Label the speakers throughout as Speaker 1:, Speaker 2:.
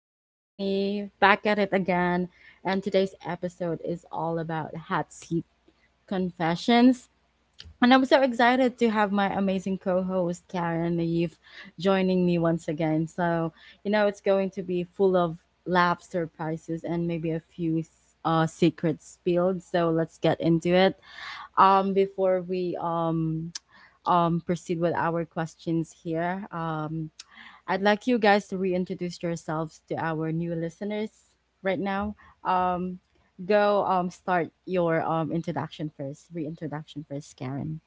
Speaker 1: with Queenie. Back at it again. And today's episode is all about hot seat confessions. And I'm so excited to have my amazing co host, Karen Naive, joining me once again. So, it's going to be full of laughs, surprises, and maybe a few secrets spilled. So let's get into it. Before we proceed with our questions here. I'd like you guys to reintroduce yourselves to our new listeners right now. Um, go start your introduction first, reintroduction first, Karen.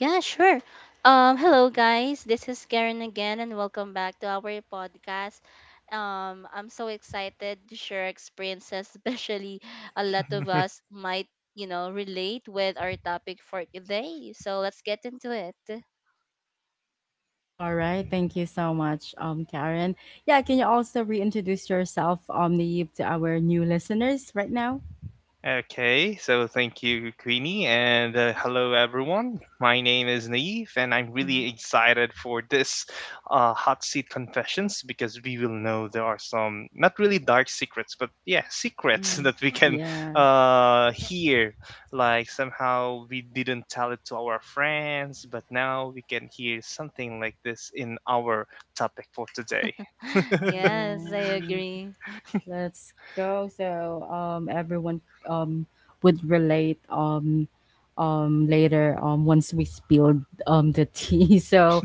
Speaker 2: Yeah, sure. Hello guys, this is Karen again, and welcome back to our podcast. I'm so excited to share experiences, especially a lot of us might, relate with our topic for today. So let's get into it.
Speaker 1: All right, thank you so much, Karen. Yeah, can you also reintroduce yourself, Naive, to our new listeners right now?
Speaker 3: Okay, so thank you, Queenie, and hello, everyone. My name is Naive, and I'm really excited for this hot seat confessions because we will know there are some not really dark secrets, but yeah, secrets
Speaker 1: Mm.
Speaker 3: that we can
Speaker 1: Yeah.
Speaker 3: hear. Like somehow we didn't tell it to our friends, but now we can hear something like this in our topic for today.
Speaker 1: All
Speaker 2: Yes, I
Speaker 1: right.
Speaker 2: agree.
Speaker 1: Let's go. So everyone um would relate later once we spilled the tea. So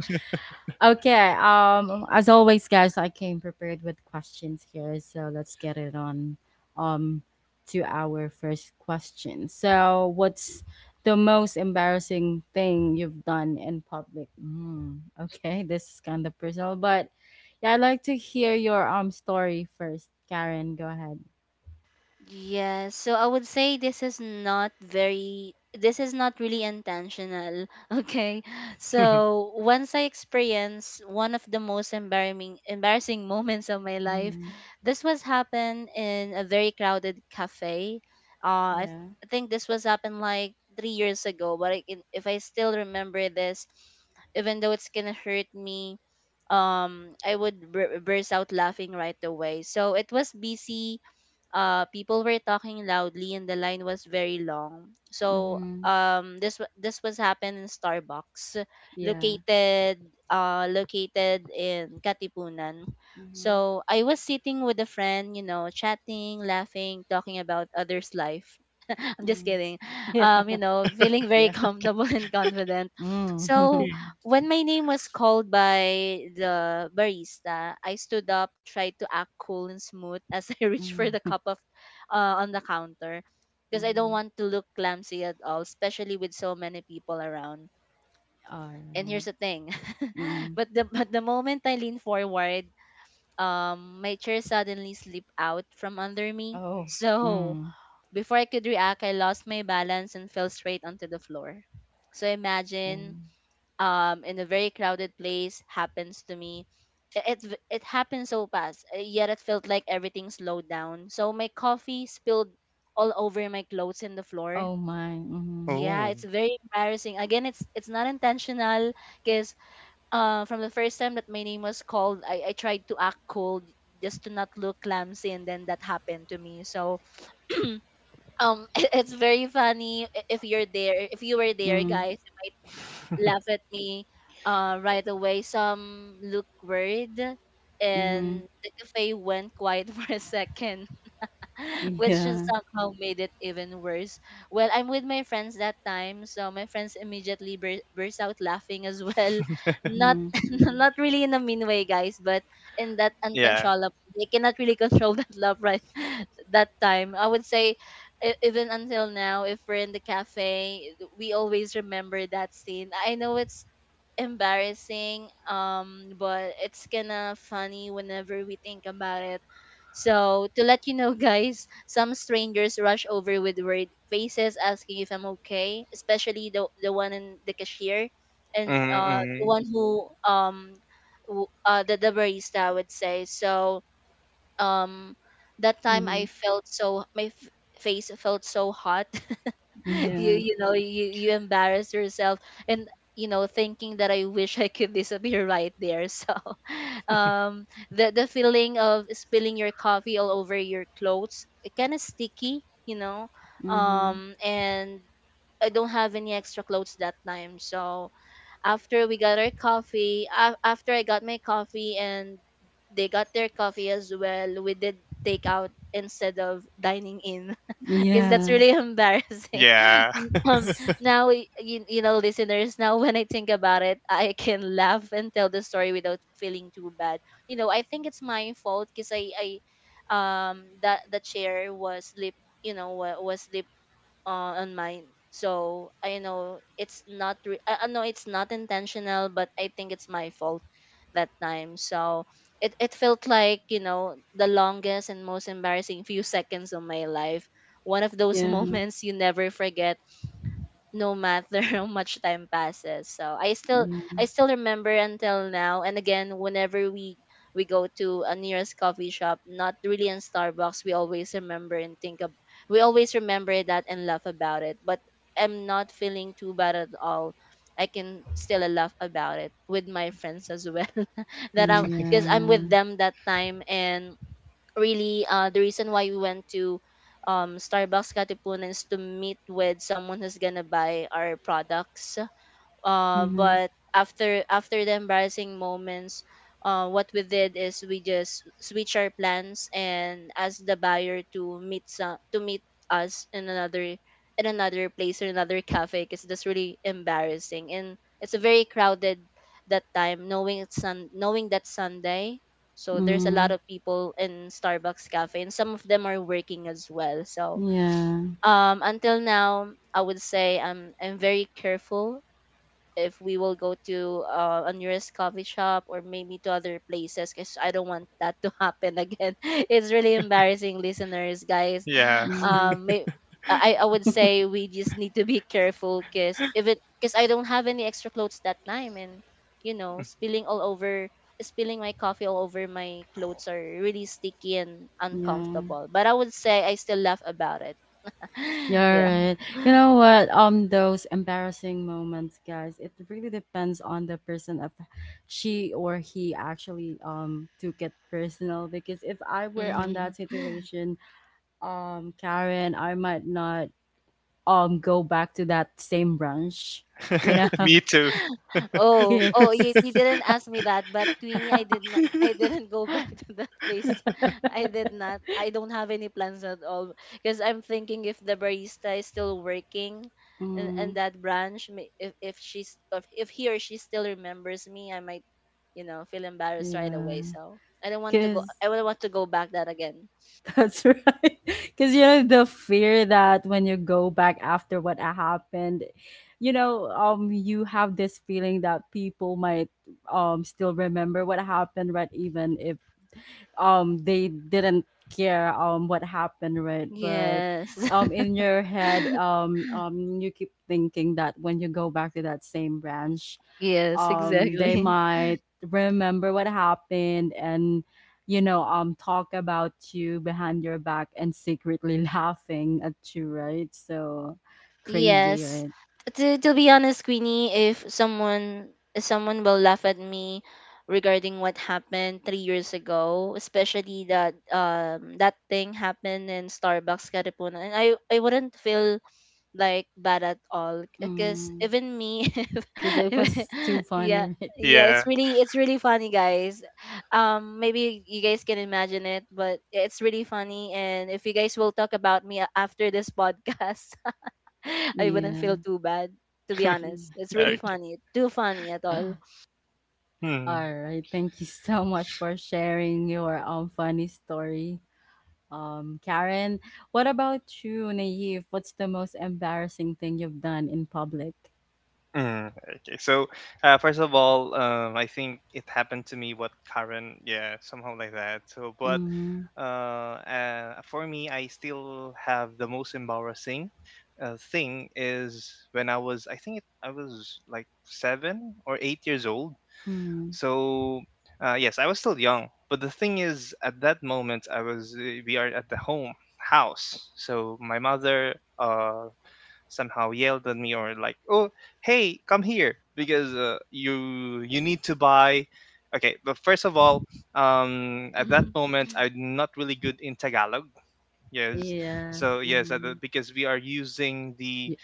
Speaker 1: okay. As always, guys, I came prepared with questions here, so let's get it on. Um, to our first question. So, what's the most embarrassing thing you've done in public? Mm, okay, this is kind of personal, but yeah, I'd like to hear your story first. Karen, go ahead.
Speaker 2: Yes, so I would say this is not really intentional, okay? So once I experienced one of the most embarrassing moments of my life,
Speaker 1: Mm-hmm.
Speaker 2: this was happened in a very crowded cafe. Uh, I, th-
Speaker 1: Yeah.
Speaker 2: I think this was happened like 3 years ago, but I can, if I still remember this, even though it's gonna hurt me, I would burst out laughing right away. So it was busy, people were talking loudly and the line was very long. So
Speaker 1: Mm-hmm.
Speaker 2: this was happened in Starbucks
Speaker 1: Yeah.
Speaker 2: located located in Katipunan.
Speaker 1: Mm-hmm.
Speaker 2: So I was sitting with a friend, chatting, laughing, talking about others' life. I'm just
Speaker 1: Mm-hmm.
Speaker 2: kidding. You
Speaker 1: Yeah.
Speaker 2: know, feeling very
Speaker 1: Yeah.
Speaker 2: comfortable and confident.
Speaker 1: Mm-hmm.
Speaker 2: So when my name was called by the barista, I stood up, tried to act cool and smooth as I reached for the
Speaker 1: Mm-hmm.
Speaker 2: cup of on the counter, because I don't want to look clumsy at all, especially with so many people around.
Speaker 1: All
Speaker 2: And
Speaker 1: right.
Speaker 2: here's the thing,
Speaker 1: Mm.
Speaker 2: but the moment I leaned forward, my chair suddenly slipped out from under me.
Speaker 1: Oh.
Speaker 2: So
Speaker 1: Mm.
Speaker 2: before I could react, I lost my balance and fell straight onto the floor. So imagine,
Speaker 1: Wow.
Speaker 2: in a very crowded place, happens to me. It happened so fast, yet it felt like everything slowed down. So my coffee spilled all over my clothes and the floor.
Speaker 1: Oh my. Mhm.
Speaker 2: Yeah,
Speaker 3: Oh,
Speaker 2: it's very embarrassing. Again, it's not intentional, because from the first time that my name was called, I tried to act cool just to not look clumsy, and then that happened to me. So um it's very funny. If you were there,
Speaker 1: Mm.
Speaker 2: guys, laugh at me right away. Some look worried,
Speaker 1: Mhm.
Speaker 2: and the cafe went quiet for a second, which is
Speaker 1: Yeah.
Speaker 2: somehow made it even worse. Well, I'm with my friends that time, so my friends immediately burst out laughing as well. Not
Speaker 1: Mhm.
Speaker 2: not really in a mean way, guys, but in that
Speaker 3: yeah.
Speaker 2: uncontrollable. They cannot really control that love right that time. I would say even until now, if we're in the cafe, we always remember that scene. I know it's embarrassing, but it's kind of funny whenever we think about it. So, to let you know, guys, some strangers rush over with worried faces asking if I'm okay, especially the one in the cashier, and
Speaker 3: Mm-hmm. Mm-hmm.
Speaker 2: the one who the barista, I would say. So, um, that time I
Speaker 1: Mhm.
Speaker 2: felt so, face felt so hot. you
Speaker 1: Yeah.
Speaker 2: you know you you embarrass yourself, and you know, thinking that I wish I could disappear right there. So um the feeling of spilling your coffee all over your clothes, kind of sticky, you know.
Speaker 1: Mhm.
Speaker 2: And I don't have any extra clothes that time. So after we got our coffee af after I got my coffee, and they got their coffee as well, we did take out instead of dining in, because that's
Speaker 1: Yeah.
Speaker 2: really embarrassing.
Speaker 3: Yeah.
Speaker 2: um
Speaker 1: S-
Speaker 2: Now you, you know, listeners, now when I think about it, I can laugh and tell the story without feeling too bad. You know, I think it's my fault, because I that the chair was slip, you know, was slip on mine. So I know it's not. I know it's not intentional, but I think it's my fault that time. So it felt like, you know, the longest and most embarrassing few seconds of my life. One of those
Speaker 1: Yeah.
Speaker 2: moments you never forget no matter how much time passes. So I
Speaker 1: Yeah.
Speaker 2: still remember until now. And again, whenever we go to a nearest coffee shop, not really in Starbucks, we always remember and think of we always remember that and laugh about it. But I'm not feeling too bad at all. I can still laugh about it with my friends as well. That I'm, because I'm with
Speaker 1: Yeah.
Speaker 2: them that time. And really, the reason why we went to Starbucks Katipunan is to meet with someone who's gonna buy our products,
Speaker 1: Mhm.
Speaker 2: but after the embarrassing moments, what we did is we just switch our plans and ask the buyer to meet us in another place or another cafe, because that's really embarrassing and it's very crowded that time, knowing that Sunday. So there's a lot
Speaker 1: Mm.
Speaker 2: of people in Starbucks cafe and some of them are working as well. So
Speaker 1: Yeah.
Speaker 2: until now, I would say I'm very careful if we will go to a nearest coffee shop or maybe to other places, because I don't want that to happen again. It's really embarrassing, listeners, guys.
Speaker 3: Yeah.
Speaker 1: Mhm.
Speaker 2: Um, may, I would say we just need to be careful, because if it because I don't have any extra clothes that time, and you know, spilling my coffee all over my clothes are really sticky and
Speaker 1: Yeah.
Speaker 2: uncomfortable. But I would say I still laugh about it.
Speaker 1: Yeah,
Speaker 2: Yeah.
Speaker 1: right. You know what? Those embarrassing moments, guys. It really depends on the person of she or he actually took it personal. Because if I were on
Speaker 2: Hmm.
Speaker 1: that situation, Karen, I might not go back to that same branch. You know,
Speaker 3: Me too.
Speaker 2: Oh, oh, you
Speaker 1: kiss.
Speaker 2: didn't ask me that, but Queenie, I did not. I didn't go back to that place. I did not. I don't have any plans at all, because I'm thinking if the barista is still working in
Speaker 1: Mm,
Speaker 2: that branch, if he or she still remembers me, I might, you know, feel embarrassed right
Speaker 1: yeah,
Speaker 2: away. So I don't want to go.
Speaker 1: because
Speaker 2: I don't want to go back that again.
Speaker 1: that's right. Because, you know, the fear that when you go back after what happened, you know, you have this feeling that people might still remember what happened, right? Even if they didn't care what happened, right? But
Speaker 2: Yes.
Speaker 1: in your head, you keep thinking that when you go back to that same branch,
Speaker 2: Yes,
Speaker 1: they
Speaker 2: exactly.
Speaker 1: might remember what happened and talk about you behind your back and secretly laughing at you, right? So crazy,
Speaker 2: Yes.
Speaker 1: right?
Speaker 2: To be honest, Queenie, if someone will laugh at me regarding what happened 3 years ago, especially that that thing happened in Starbucks Caripuna, and I wouldn't feel like bad at all, because
Speaker 1: Mm.
Speaker 2: even me,
Speaker 1: Because it
Speaker 2: if-
Speaker 1: was too
Speaker 2: yeah.
Speaker 1: funny, right?
Speaker 2: Yeah,
Speaker 3: Yeah.
Speaker 2: it's really funny, guys. Maybe you guys can imagine it, but it's really funny. And if you guys will talk about me after this podcast, I wouldn't
Speaker 1: Yeah.
Speaker 2: feel too bad, to be honest.
Speaker 1: Mm.
Speaker 2: It's really
Speaker 3: Okay.
Speaker 2: funny. Too funny at all.
Speaker 3: Hmm.
Speaker 1: All right, thank you so much for sharing your funny story, Karen. What about you, Naive? What's the most embarrassing thing you've done in public?
Speaker 3: Mm. Okay. So, first of all, I think it happened to me. What, Karen? Yeah, somehow like that. So, but
Speaker 1: Mm-hmm.
Speaker 3: for me, I still have the most embarrassing thing is when I was. I was like 7 or 8 years old. So yes, I was still young, but the thing is, at that moment, I was we are at the home house. So my mother uh, somehow yelled at me or like, "Oh, hey, come here because you need to buy." Okay, but first of all, at that
Speaker 2: Mhm.
Speaker 3: moment, I'm not really good in Tagalog. Yes,
Speaker 1: Yeah,
Speaker 3: so yes,
Speaker 1: mhm.
Speaker 3: because we are using the
Speaker 1: Y-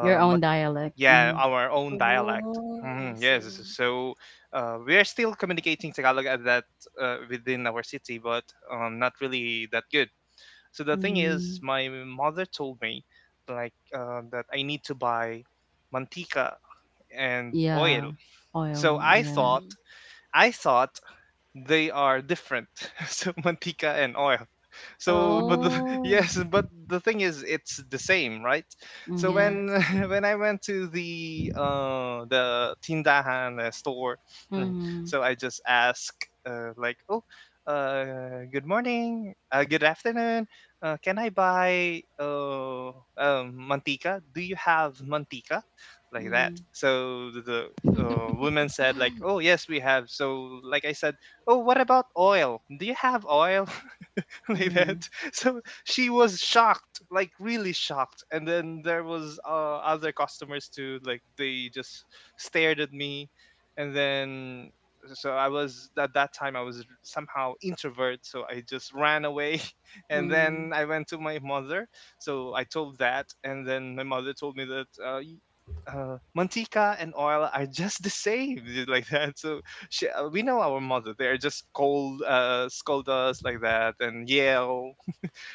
Speaker 1: your own dialect,
Speaker 3: yeah,
Speaker 1: mhm.
Speaker 3: our own dialect.
Speaker 2: Oh, I
Speaker 3: Yes,
Speaker 2: see.
Speaker 3: so we are still communicating Tagalog at that within our city, but not really that good. So the thing is,
Speaker 1: Mm.
Speaker 3: my mother told me like, that I need to buy mantika and oil.
Speaker 1: Yeah, oil,
Speaker 3: So i
Speaker 1: yeah.
Speaker 3: thought
Speaker 2: Mhm.
Speaker 3: i thought they are different. So mantika and oil. So,
Speaker 1: Mhm,
Speaker 2: Oh,
Speaker 3: yes, but the thing is, it's the same, right? So
Speaker 1: mhm,
Speaker 3: when
Speaker 2: yes.
Speaker 3: when I went to the tindahan, store, mm,
Speaker 1: mhm,
Speaker 3: so I just ask, like, "Oh, good morning, good afternoon, can I buy, mantika? Do you have mantika?" Like that.
Speaker 1: mm,
Speaker 3: So the woman said like, "Oh, yes, we have." So like I said, "Oh, what about oil? Do you have oil?" Like
Speaker 1: yeah,
Speaker 3: that. So she was shocked, like really shocked. And then there was, other customers too, like they just stared at me. And then so I was at that time I was somehow introvert, so I just ran away. And
Speaker 1: mm,
Speaker 3: then I went to my mother, so I told that, and then my mother told me that. Mantika and oil are just the same. Like that. So we know our mother. They're just scold us like that and yell.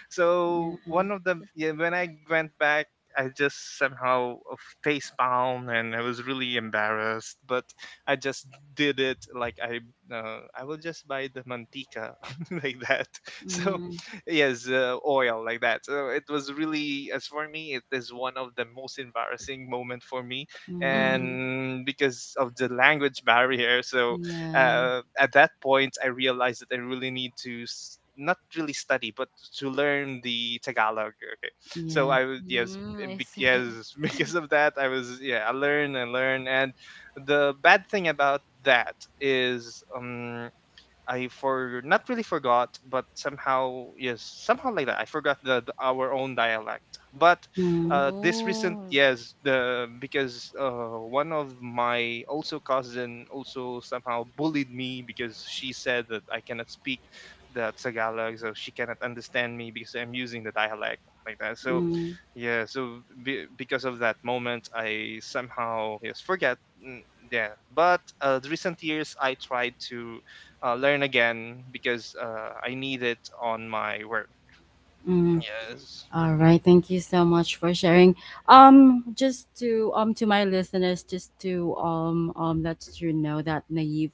Speaker 3: So
Speaker 1: yeah,
Speaker 3: one of the yeah, when I went back, I just somehow, face bound, and I was really embarrassed. But I just did it like, I will just buy the mantika. Like that. So
Speaker 1: mhm,
Speaker 3: yes, oil, like that. So it was really as for me, it is one of the most embarrassing moment for me,
Speaker 1: mm,
Speaker 2: Mm.
Speaker 3: and because of the language barrier. So
Speaker 1: yeah,
Speaker 3: at that point, I realized that I really need to, not really study, but to learn the Tagalog. Okay, so,
Speaker 1: yeah,
Speaker 3: I was yes,
Speaker 2: Mm, I see.
Speaker 3: yes, because of that, I was yeah, I learn and learn. And the bad thing about that is, I for not really forgot, but somehow yes, somehow like that. I forgot our own dialect. But
Speaker 1: mm,
Speaker 3: this recent,
Speaker 2: Oh,
Speaker 3: yes, the because one of my also cousin also somehow bullied me because she said that I cannot speak the Tagalog, so she cannot understand me because I'm using the dialect like that. So
Speaker 1: mm,
Speaker 3: yeah, because of that moment, I somehow, yes, forget. mm, Yeah, but the recent years I tried to learn again because I need it on my work.
Speaker 1: mm.
Speaker 3: Yes.
Speaker 1: All right, thank you so much for sharing. Just to my listeners, just to let you know that Naive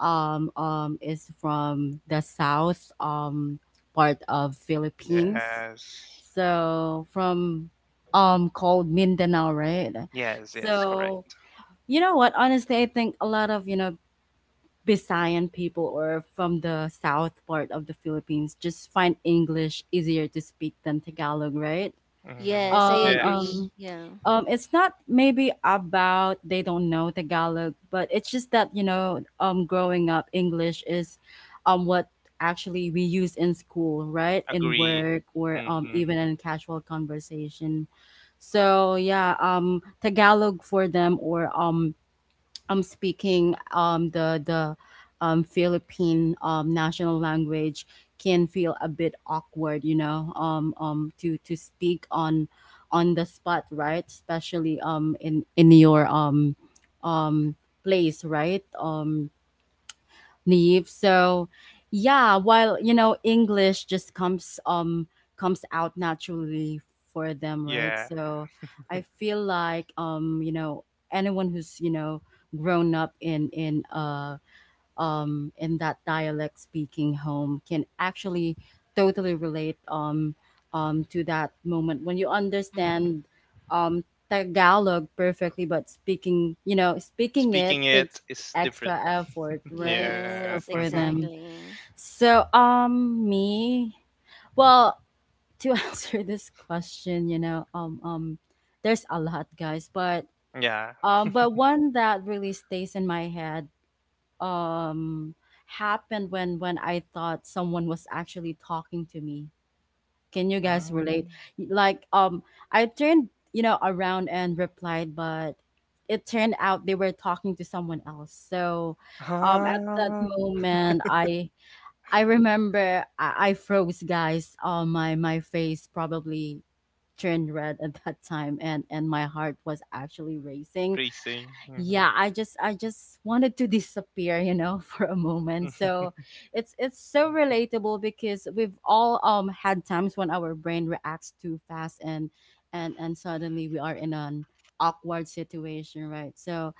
Speaker 1: is from the south part of Philippines.
Speaker 3: Yes.
Speaker 1: So from called Mindanao, right?
Speaker 3: Yes, yes,
Speaker 1: So
Speaker 3: correct.
Speaker 1: you know what? Honestly, I think a lot of you know Bisayan people or from the south part of the Philippines just find English easier to speak than Tagalog, right?
Speaker 3: Hmm.
Speaker 2: yes, I
Speaker 1: Um,
Speaker 2: agree.
Speaker 3: Yes,
Speaker 1: um,
Speaker 2: Yeah.
Speaker 1: it's not maybe about they don't know Tagalog, but it's just that you know, growing up, English is, what actually we use in school, right? In
Speaker 3: agree.
Speaker 1: work or even
Speaker 3: Hmm.
Speaker 1: in casual conversation. So yeah, Tagalog for them or I'm speaking the Philippine national language can feel a bit awkward, you know, to speak on the spot, right? Especially in your um, place, right? Neve. So yeah, while you know English just comes comes out naturally for them, right?
Speaker 3: Yeah,
Speaker 1: So I feel like you know anyone who's you know grown up in in that dialect speaking home can actually totally relate to that moment when you
Speaker 2: Mhm.
Speaker 1: understand um, Tagalog perfectly, but speaking, you know, speaking it
Speaker 3: speaking
Speaker 1: takes
Speaker 3: it is
Speaker 1: extra
Speaker 3: different.
Speaker 1: effort, right?
Speaker 3: Yeah.
Speaker 1: So
Speaker 2: Yes,
Speaker 1: for them,
Speaker 2: exactly.
Speaker 1: so me, well, to answer this question, you know, there's a lot, guys,
Speaker 3: Yeah.
Speaker 1: but one that really stays in my head um happened when I thought someone was actually talking to me. Can you guys relate?
Speaker 3: Um,
Speaker 1: Like I turned, you know, around and replied, but it turned out they were talking to someone else. So
Speaker 3: ah,
Speaker 1: at that moment I remember I froze, guys. My face probably turned red at that time and my heart was actually racing.
Speaker 3: Racing. Hmm.
Speaker 1: Yeah, I just wanted to disappear, you know, for a moment. So it's so relatable because we've all had times when our brain reacts too fast and and suddenly we are in an awkward situation, right? So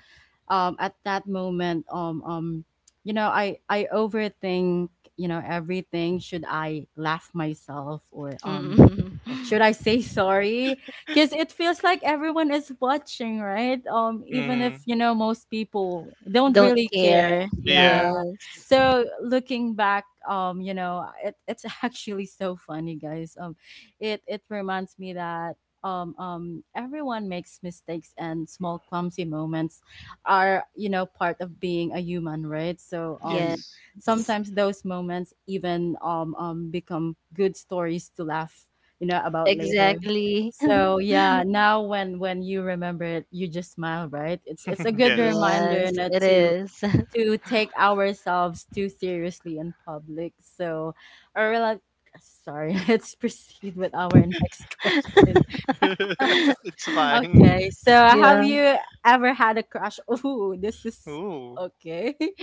Speaker 1: at that moment you know I overthink you know everything. Should I laugh myself or
Speaker 2: Mhm.
Speaker 3: Hmm.
Speaker 1: should I say sorry? Because it feels like everyone is watching, right? Even if
Speaker 3: Hmm.
Speaker 1: you know most people don't
Speaker 2: Don't
Speaker 1: really care.
Speaker 2: care.
Speaker 1: Yeah.
Speaker 3: Yeah.
Speaker 2: Yes.
Speaker 1: So looking back, you know, it's actually so funny, guys. It it reminds me that. Everyone makes mistakes and small clumsy moments are you know part of being a human, right? So
Speaker 2: Yes.
Speaker 3: Yes.
Speaker 1: sometimes those moments even become good stories to laugh you know about later.
Speaker 2: Exactly.
Speaker 1: So yeah, now when you remember it, you just smile, right? It's a good
Speaker 3: Yes.
Speaker 1: reminder
Speaker 2: Yes,
Speaker 1: not
Speaker 2: it
Speaker 1: to
Speaker 2: is.
Speaker 1: take ourselves too seriously in public. So, or like, sorry, let's proceed with our next question.
Speaker 3: It's fine.
Speaker 1: Okay, so have
Speaker 2: Yeah.
Speaker 1: you ever had a crush? Oh, this is
Speaker 3: Ooh.
Speaker 1: okay.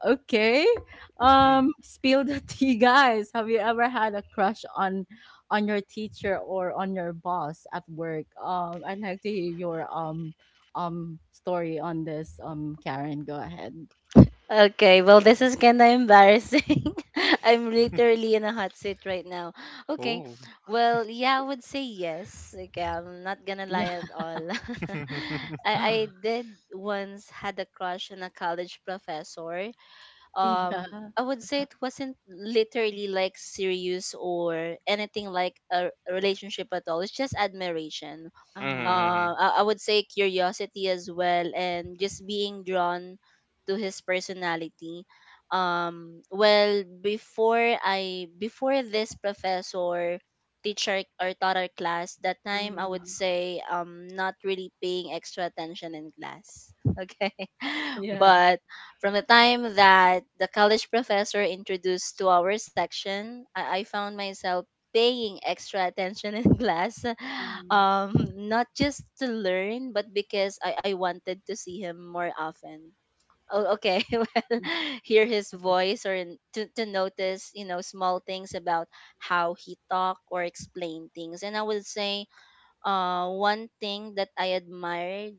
Speaker 1: Okay.
Speaker 3: Mm.
Speaker 1: Spill the tea, guys. Have you ever had a crush on your teacher or on your boss at work? I'd like to hear your story on this. Karen, go ahead.
Speaker 2: Okay. Well, this is kind of embarrassing. I'm literally in a hot seat right now. Okay.
Speaker 3: Ooh.
Speaker 2: Well, yeah, I would say yes. Okay, I'm not gonna
Speaker 1: Yeah.
Speaker 2: lie at all. I I did once had a crush on a college professor.
Speaker 1: Yeah.
Speaker 2: I would say it wasn't literally like serious or anything like a relationship at all. It's just admiration,
Speaker 1: Uh-huh.
Speaker 3: Mhm.
Speaker 2: I would say curiosity as well, and just being drawn to his personality. Well, before this professor teacher or taught our class that time, I would
Speaker 1: Mm.
Speaker 2: say not really paying extra attention in class, okay,
Speaker 1: Yeah.
Speaker 2: but from the time that the college professor introduced to our section, I found myself paying extra attention in class,
Speaker 1: Mm.
Speaker 2: not just to learn, but because I wanted to see him more often. Oh, okay. Well, hear his voice, to notice, you know, small things about how he talk or explain things. And I would say one thing that I admired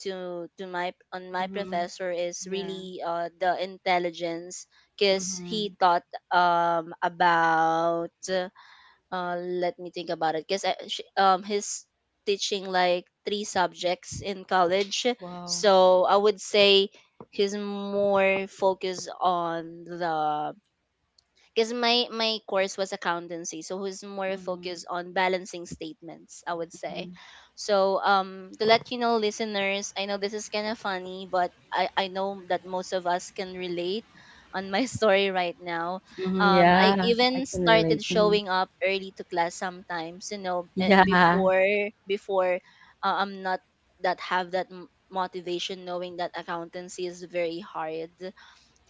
Speaker 2: to my on my
Speaker 1: Mm-hmm.
Speaker 2: professor is
Speaker 1: Yeah.
Speaker 2: really the intelligence, because he
Speaker 1: Mm-hmm.
Speaker 2: taught about, let me think about it. Because he's teaching like three subjects in college.
Speaker 1: Wow.
Speaker 2: So I would say he's more focused on the, because my course was accountancy, so who's more
Speaker 1: Mm-hmm.
Speaker 2: focused on balancing statements, I would say. So, to let you know listeners, I know this is kind of funny, but I know that most of us can relate on my story right now.
Speaker 1: Mhm,
Speaker 2: I
Speaker 1: yeah, I
Speaker 2: even
Speaker 1: can relate.
Speaker 2: started
Speaker 1: Mhm.
Speaker 2: showing up early to class sometimes, you know,
Speaker 1: Yeah.
Speaker 2: before I'm not— that have that motivation, knowing that accountancy is very hard.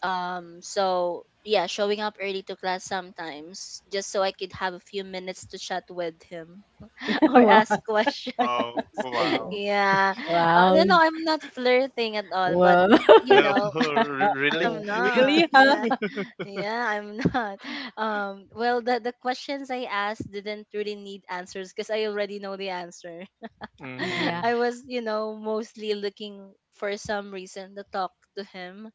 Speaker 2: So yeah, showing up early to class sometimes just so I could have a few minutes to chat with him
Speaker 1: Yeah,
Speaker 2: or
Speaker 1: wow,
Speaker 2: ask questions.
Speaker 3: Wow,
Speaker 1: yeah.
Speaker 3: wow.
Speaker 2: Yeah,
Speaker 1: Wow,
Speaker 2: no, no, I'm not flirting at all, but
Speaker 1: wow.
Speaker 2: you
Speaker 3: No,
Speaker 2: know,
Speaker 3: really?
Speaker 2: I'm
Speaker 1: Wow,
Speaker 2: not,
Speaker 1: really, huh?
Speaker 2: yeah, yeah, I'm not. Well, the questions I asked didn't really need answers because I already know the answer.
Speaker 1: Yeah.
Speaker 3: Hmm.
Speaker 2: I was mostly looking for some reason to talk to him,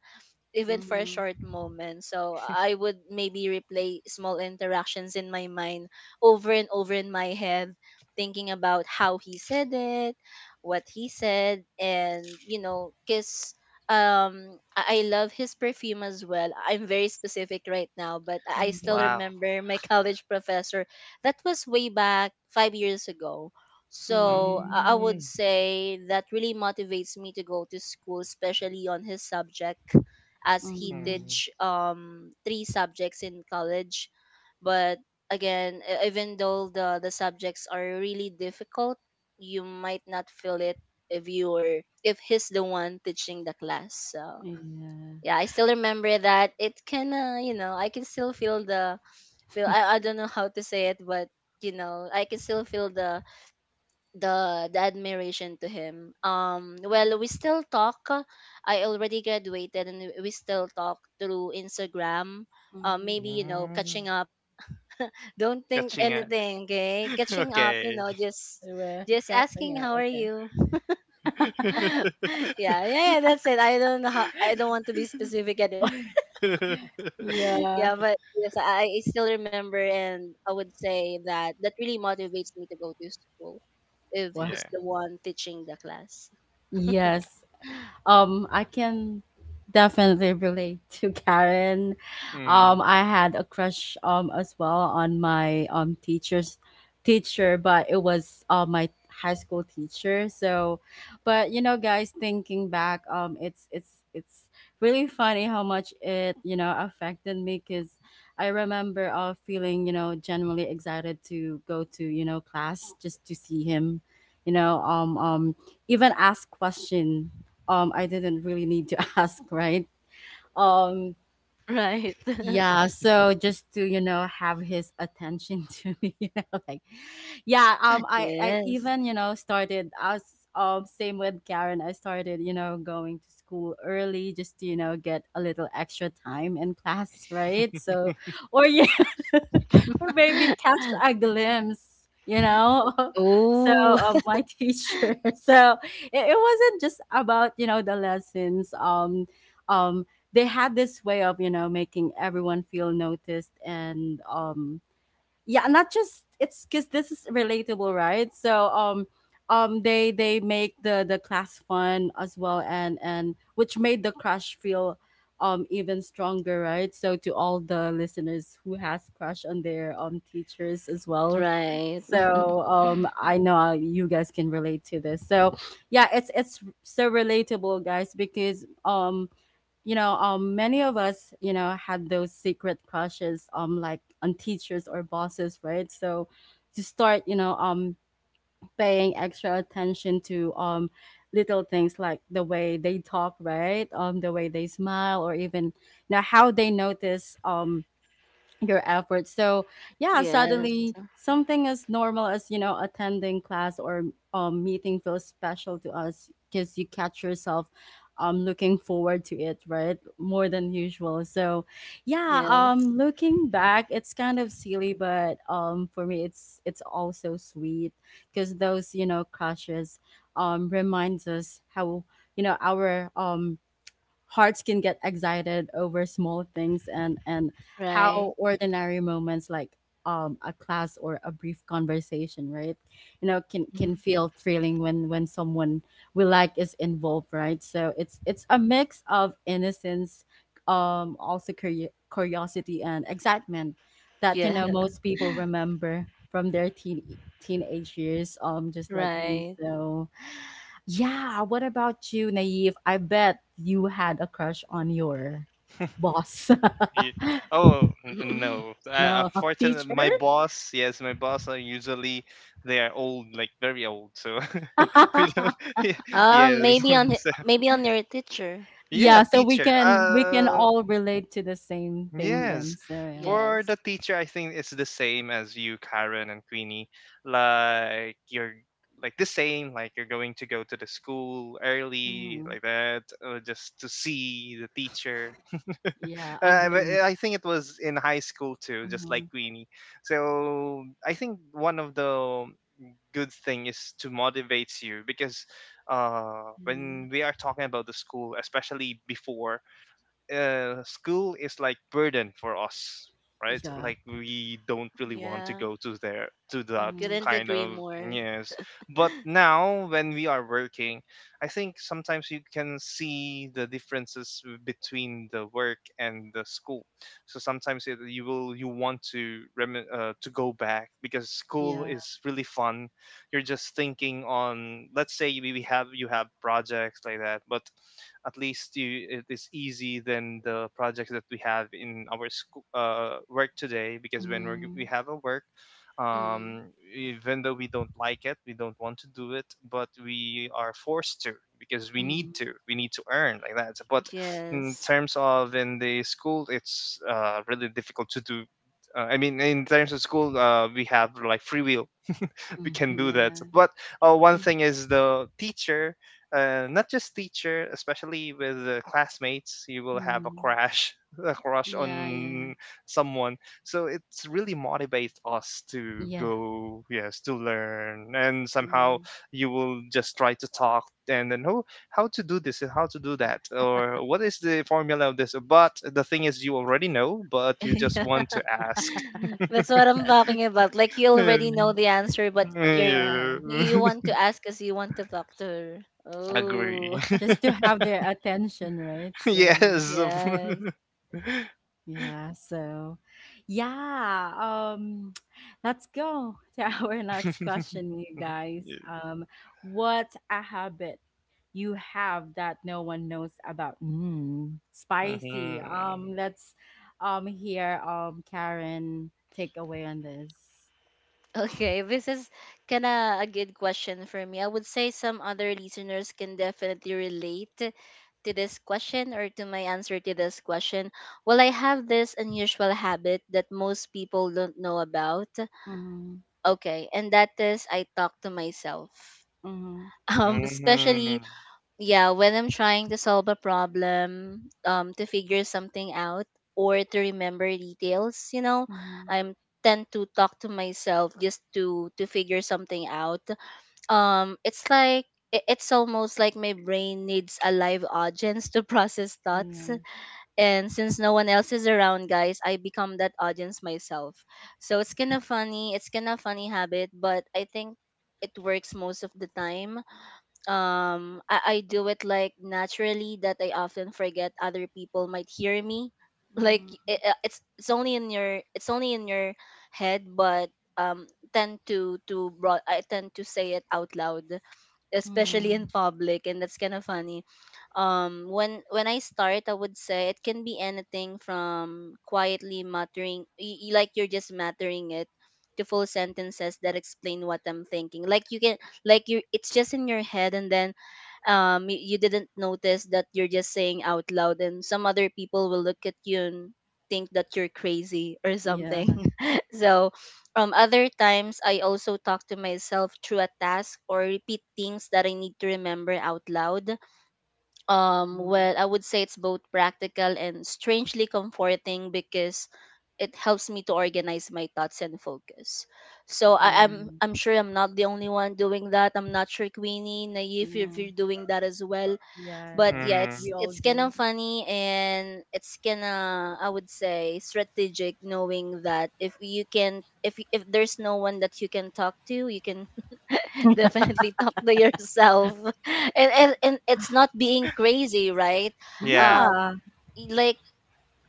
Speaker 2: even for a
Speaker 1: Mm-hmm.
Speaker 2: short moment. So I would maybe replay small interactions in my mind over and over in my head, thinking about how he said it, what he said, and you know, because I love his perfume as well. I'm very specific right now, but I still
Speaker 1: Mm-hmm.
Speaker 3: Wow.
Speaker 2: remember my college professor. That was way back 5 years ago. So
Speaker 1: Mm-hmm.
Speaker 2: I would
Speaker 3: Mm-hmm.
Speaker 2: say that really motivates me to go to school, especially on his subject, as he
Speaker 1: Mm-hmm.
Speaker 2: teach three subjects in college. But again, even though the subjects are really difficult, you might not feel it if you are— if he's the one teaching the class. So
Speaker 1: Yeah.
Speaker 2: yeah, I still remember that. It can you know, I can still feel the feel— I don't know how to say it, but you know, I can still feel the the admiration to him. Well, we still talk. I already graduated, and we still talk through Instagram.
Speaker 1: Mm-hmm.
Speaker 2: Maybe you know,
Speaker 3: Mm-hmm.
Speaker 2: catching up. Don't think
Speaker 3: Catching it.
Speaker 2: anything, okay? Catching up, you
Speaker 3: Okay.
Speaker 2: know,
Speaker 1: We're
Speaker 2: just asking
Speaker 1: catching up.
Speaker 2: how are
Speaker 1: Okay.
Speaker 2: you. Yeah, yeah, yeah, that's it. I don't know how. I don't want to be specific anymore.
Speaker 1: Yeah.
Speaker 2: Yeah, but yes, I still remember, and I would say that that really motivates me to go to school if
Speaker 1: Wow.
Speaker 2: he's
Speaker 3: Yeah.
Speaker 2: the one teaching the class.
Speaker 1: Yes. I can definitely relate to Karen.
Speaker 3: Mm.
Speaker 1: I had a crush as well on my teacher, but it was my high school teacher. So, but you know, guys, thinking back, it's really funny how much it you know affected me because I remember feeling you know genuinely excited to go to you know class just to see him. You know, even ask question I didn't really need to ask, right? Um,
Speaker 2: Right.
Speaker 1: yeah, so just to, you know, have his attention to me, you know, like yeah, I
Speaker 2: Yes.
Speaker 1: even, you know, started as same with Karen, I started, you know, going to school early just to, you know, get a little extra time in class, right? So or yeah, or maybe catch a glimpse, you know, so
Speaker 2: Oh,
Speaker 1: of my teacher. So it wasn't just about, you know, the lessons um they had this way of you know making everyone feel noticed, and yeah, not just it's because this is relatable, right? So they they make the class fun as well and which made the crush feel even stronger, right? So to all the listeners who has crush on their teachers as well,
Speaker 2: right.
Speaker 1: so I know you guys can relate to this. So yeah, it's so relatable, guys, because you know, many of us, you know, had those secret crushes, like on teachers or bosses, right? So to start, you know, paying extra attention to little things like the way they talk, right? The way they smile, or even you know how they notice, your efforts. So yeah, suddenly
Speaker 2: Yes.
Speaker 1: something as normal as you know attending class or meeting feels special to us because you catch yourself looking forward to it, right? More than usual. So yeah,
Speaker 2: Yes.
Speaker 1: looking back, it's kind of silly, but for me, it's also sweet because those you know crushes reminds us how you know our hearts can get excited over small things, and how
Speaker 2: Right.
Speaker 1: ordinary moments like a class or a brief conversation, right? You know can
Speaker 2: Mhm.
Speaker 1: feel thrilling when someone we like is involved, right? So it's a mix of innocence, also curiosity and excitement that you
Speaker 2: Yeah.
Speaker 1: know most people remember from their teenage years, just like me.
Speaker 2: Right.
Speaker 1: So yeah, what about you, Naive? I bet you had a crush on your boss.
Speaker 3: Ye- Oh, no!
Speaker 1: No,
Speaker 3: Unfortunately,
Speaker 1: teacher?
Speaker 3: my boss, yes, my boss are usually, they are old, like very old. So we don't. Yes,
Speaker 2: Maybe on
Speaker 3: so,
Speaker 2: maybe on your teacher.
Speaker 3: yeah,
Speaker 1: Yeah, so
Speaker 3: teacher.
Speaker 1: we can all relate to the same thing then.
Speaker 3: Yes.
Speaker 1: So yeah.
Speaker 3: For
Speaker 2: Yes.
Speaker 3: the teacher, I think it's the same as you, Karen and Queenie. Like, you're, like the same, like you're going to go to the school early,
Speaker 1: Mm.
Speaker 3: like that, or just to see the teacher.
Speaker 1: Yeah, a
Speaker 3: But,
Speaker 1: glimpse.
Speaker 3: I think it was in high school too, just like
Speaker 1: Mhm.
Speaker 3: Queenie. So I think one of the good thing is to motivate you because when we are talking about the school, especially before, school is like burden for us,
Speaker 1: Yeah.
Speaker 3: right?
Speaker 1: Yeah.
Speaker 3: Like, we don't really want to
Speaker 2: Yeah.
Speaker 3: go to there, to that
Speaker 1: Mm.
Speaker 2: Couldn't
Speaker 3: kind
Speaker 2: agree
Speaker 3: of,
Speaker 2: more.
Speaker 3: yes. But now when we are working, I think sometimes you can see the differences between the work and the school. So sometimes you will, you want to, to go back because school
Speaker 1: Yeah.
Speaker 3: is really fun. You're just thinking on, let's say, we have you have projects like that, but it is easy than the projects that we have in our school, work today, because we
Speaker 1: Mm.
Speaker 3: have a work.
Speaker 2: Mm,
Speaker 3: um, Even though we don't like it, we don't want to do it, but we are forced to, because we need
Speaker 1: Mm.
Speaker 3: to we need to earn, like that. But in
Speaker 2: yes.
Speaker 3: terms of in the school, it's really difficult to do. I mean, in terms of school, we have like free will, we
Speaker 1: Mm.
Speaker 3: can do that.
Speaker 1: Yeah.
Speaker 3: But one
Speaker 2: Mm.
Speaker 3: thing is the teacher, not just teacher, especially with the classmates, you will have a
Speaker 1: Mm.
Speaker 3: crush, a crush
Speaker 1: Yeah, yeah.
Speaker 3: on someone. So it's really motivates us to
Speaker 1: Yeah.
Speaker 3: go, yes, to learn, and somehow
Speaker 1: Mm.
Speaker 3: you will just try to talk and then, "Oh, how to do this and how to do that, or what is the formula of this?" But the thing is, you already know, but you just
Speaker 2: Yeah.
Speaker 3: want to ask.
Speaker 2: That's what I'm talking about. Like, you
Speaker 3: Yeah.
Speaker 2: already know the answer, but you're—
Speaker 3: Yeah.
Speaker 1: Yeah.
Speaker 2: you want to ask because you want to talk to her.
Speaker 3: Agree.
Speaker 2: Oh.
Speaker 1: Just to have their attention, right? So
Speaker 3: Yes.
Speaker 2: Yes.
Speaker 1: Yeah, so yeah, um let's go to our next question, you guys. What's a habit you have that no one knows about? Mm, spicy.
Speaker 3: Mm-hmm.
Speaker 1: Let's hear Karen take away on this.
Speaker 2: Okay, this is kind of a good question for me. I would say some other listeners can definitely relate to this question or to my answer to this question. Well, I have this unusual habit that most people don't know about.
Speaker 1: Mm-hmm.
Speaker 2: Okay, and that is, I talk to myself.
Speaker 1: Mm-hmm.
Speaker 3: Hmm.
Speaker 2: Especially yeah, when I'm trying to solve a problem, to figure something out or to remember details, you know,
Speaker 1: Mm-hmm.
Speaker 2: I'm— tend to talk to myself just to figure something out. It's like— it's almost like my brain needs a live audience to process thoughts,
Speaker 1: Yeah.
Speaker 2: and since no one else is around, guys, I become that audience myself. So it's kind of funny, it's kind of funny habit, but I think it works most of the time. I do it like naturally that I often forget other people might hear me. Like
Speaker 1: Mm-hmm.
Speaker 2: it, it's— it's only in your— it's only in your head, but tend to broad— I tend to say it out loud, especially in public, and that's kind of funny. When I start, I would say it can be anything from quietly muttering like you're just muttering it, to full sentences that explain what I'm thinking. Like, you can— like you— it's just in your head, and then you didn't notice that you're just saying out loud, and some other people will look at you and think that you're crazy or
Speaker 1: Yeah.
Speaker 2: something. So other times I also talk to myself through a task or repeat things that I need to remember out loud.
Speaker 1: mm,
Speaker 2: Well, I would say it's both practical and strangely comforting because it helps me to organize my thoughts and focus. So
Speaker 1: Yeah.
Speaker 2: I'm— I'm sure I'm not the only one doing that. I'm not sure, Queenie, Naive, if
Speaker 1: Yeah.
Speaker 2: you're doing that as well.
Speaker 1: Yeah,
Speaker 2: But
Speaker 1: right.
Speaker 2: yeah,
Speaker 1: We
Speaker 3: Hmm.
Speaker 1: all
Speaker 2: it's kind
Speaker 1: do.
Speaker 2: of funny, and it's kind of— I would say strategic, knowing that if you can— if there's no one that you can talk to, you can definitely talk to yourself, and it's not being crazy, right?
Speaker 3: Yeah.
Speaker 2: um
Speaker 1: Yeah.
Speaker 2: like,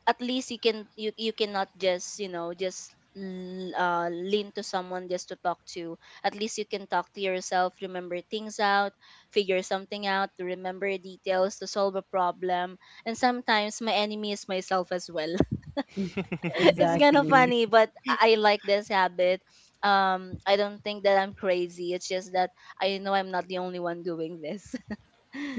Speaker 2: at least you can— you— you cannot just, you know, just lean to someone just to talk to. At least you can talk to yourself, remember things out, figure something out, to remember details, to solve a problem. And sometimes my enemy is myself as well.
Speaker 1: E-
Speaker 2: It's kind of
Speaker 1: Exactly.
Speaker 2: funny, but I like this habit. I don't think that I'm crazy. It's just that I know I'm not the only one doing this.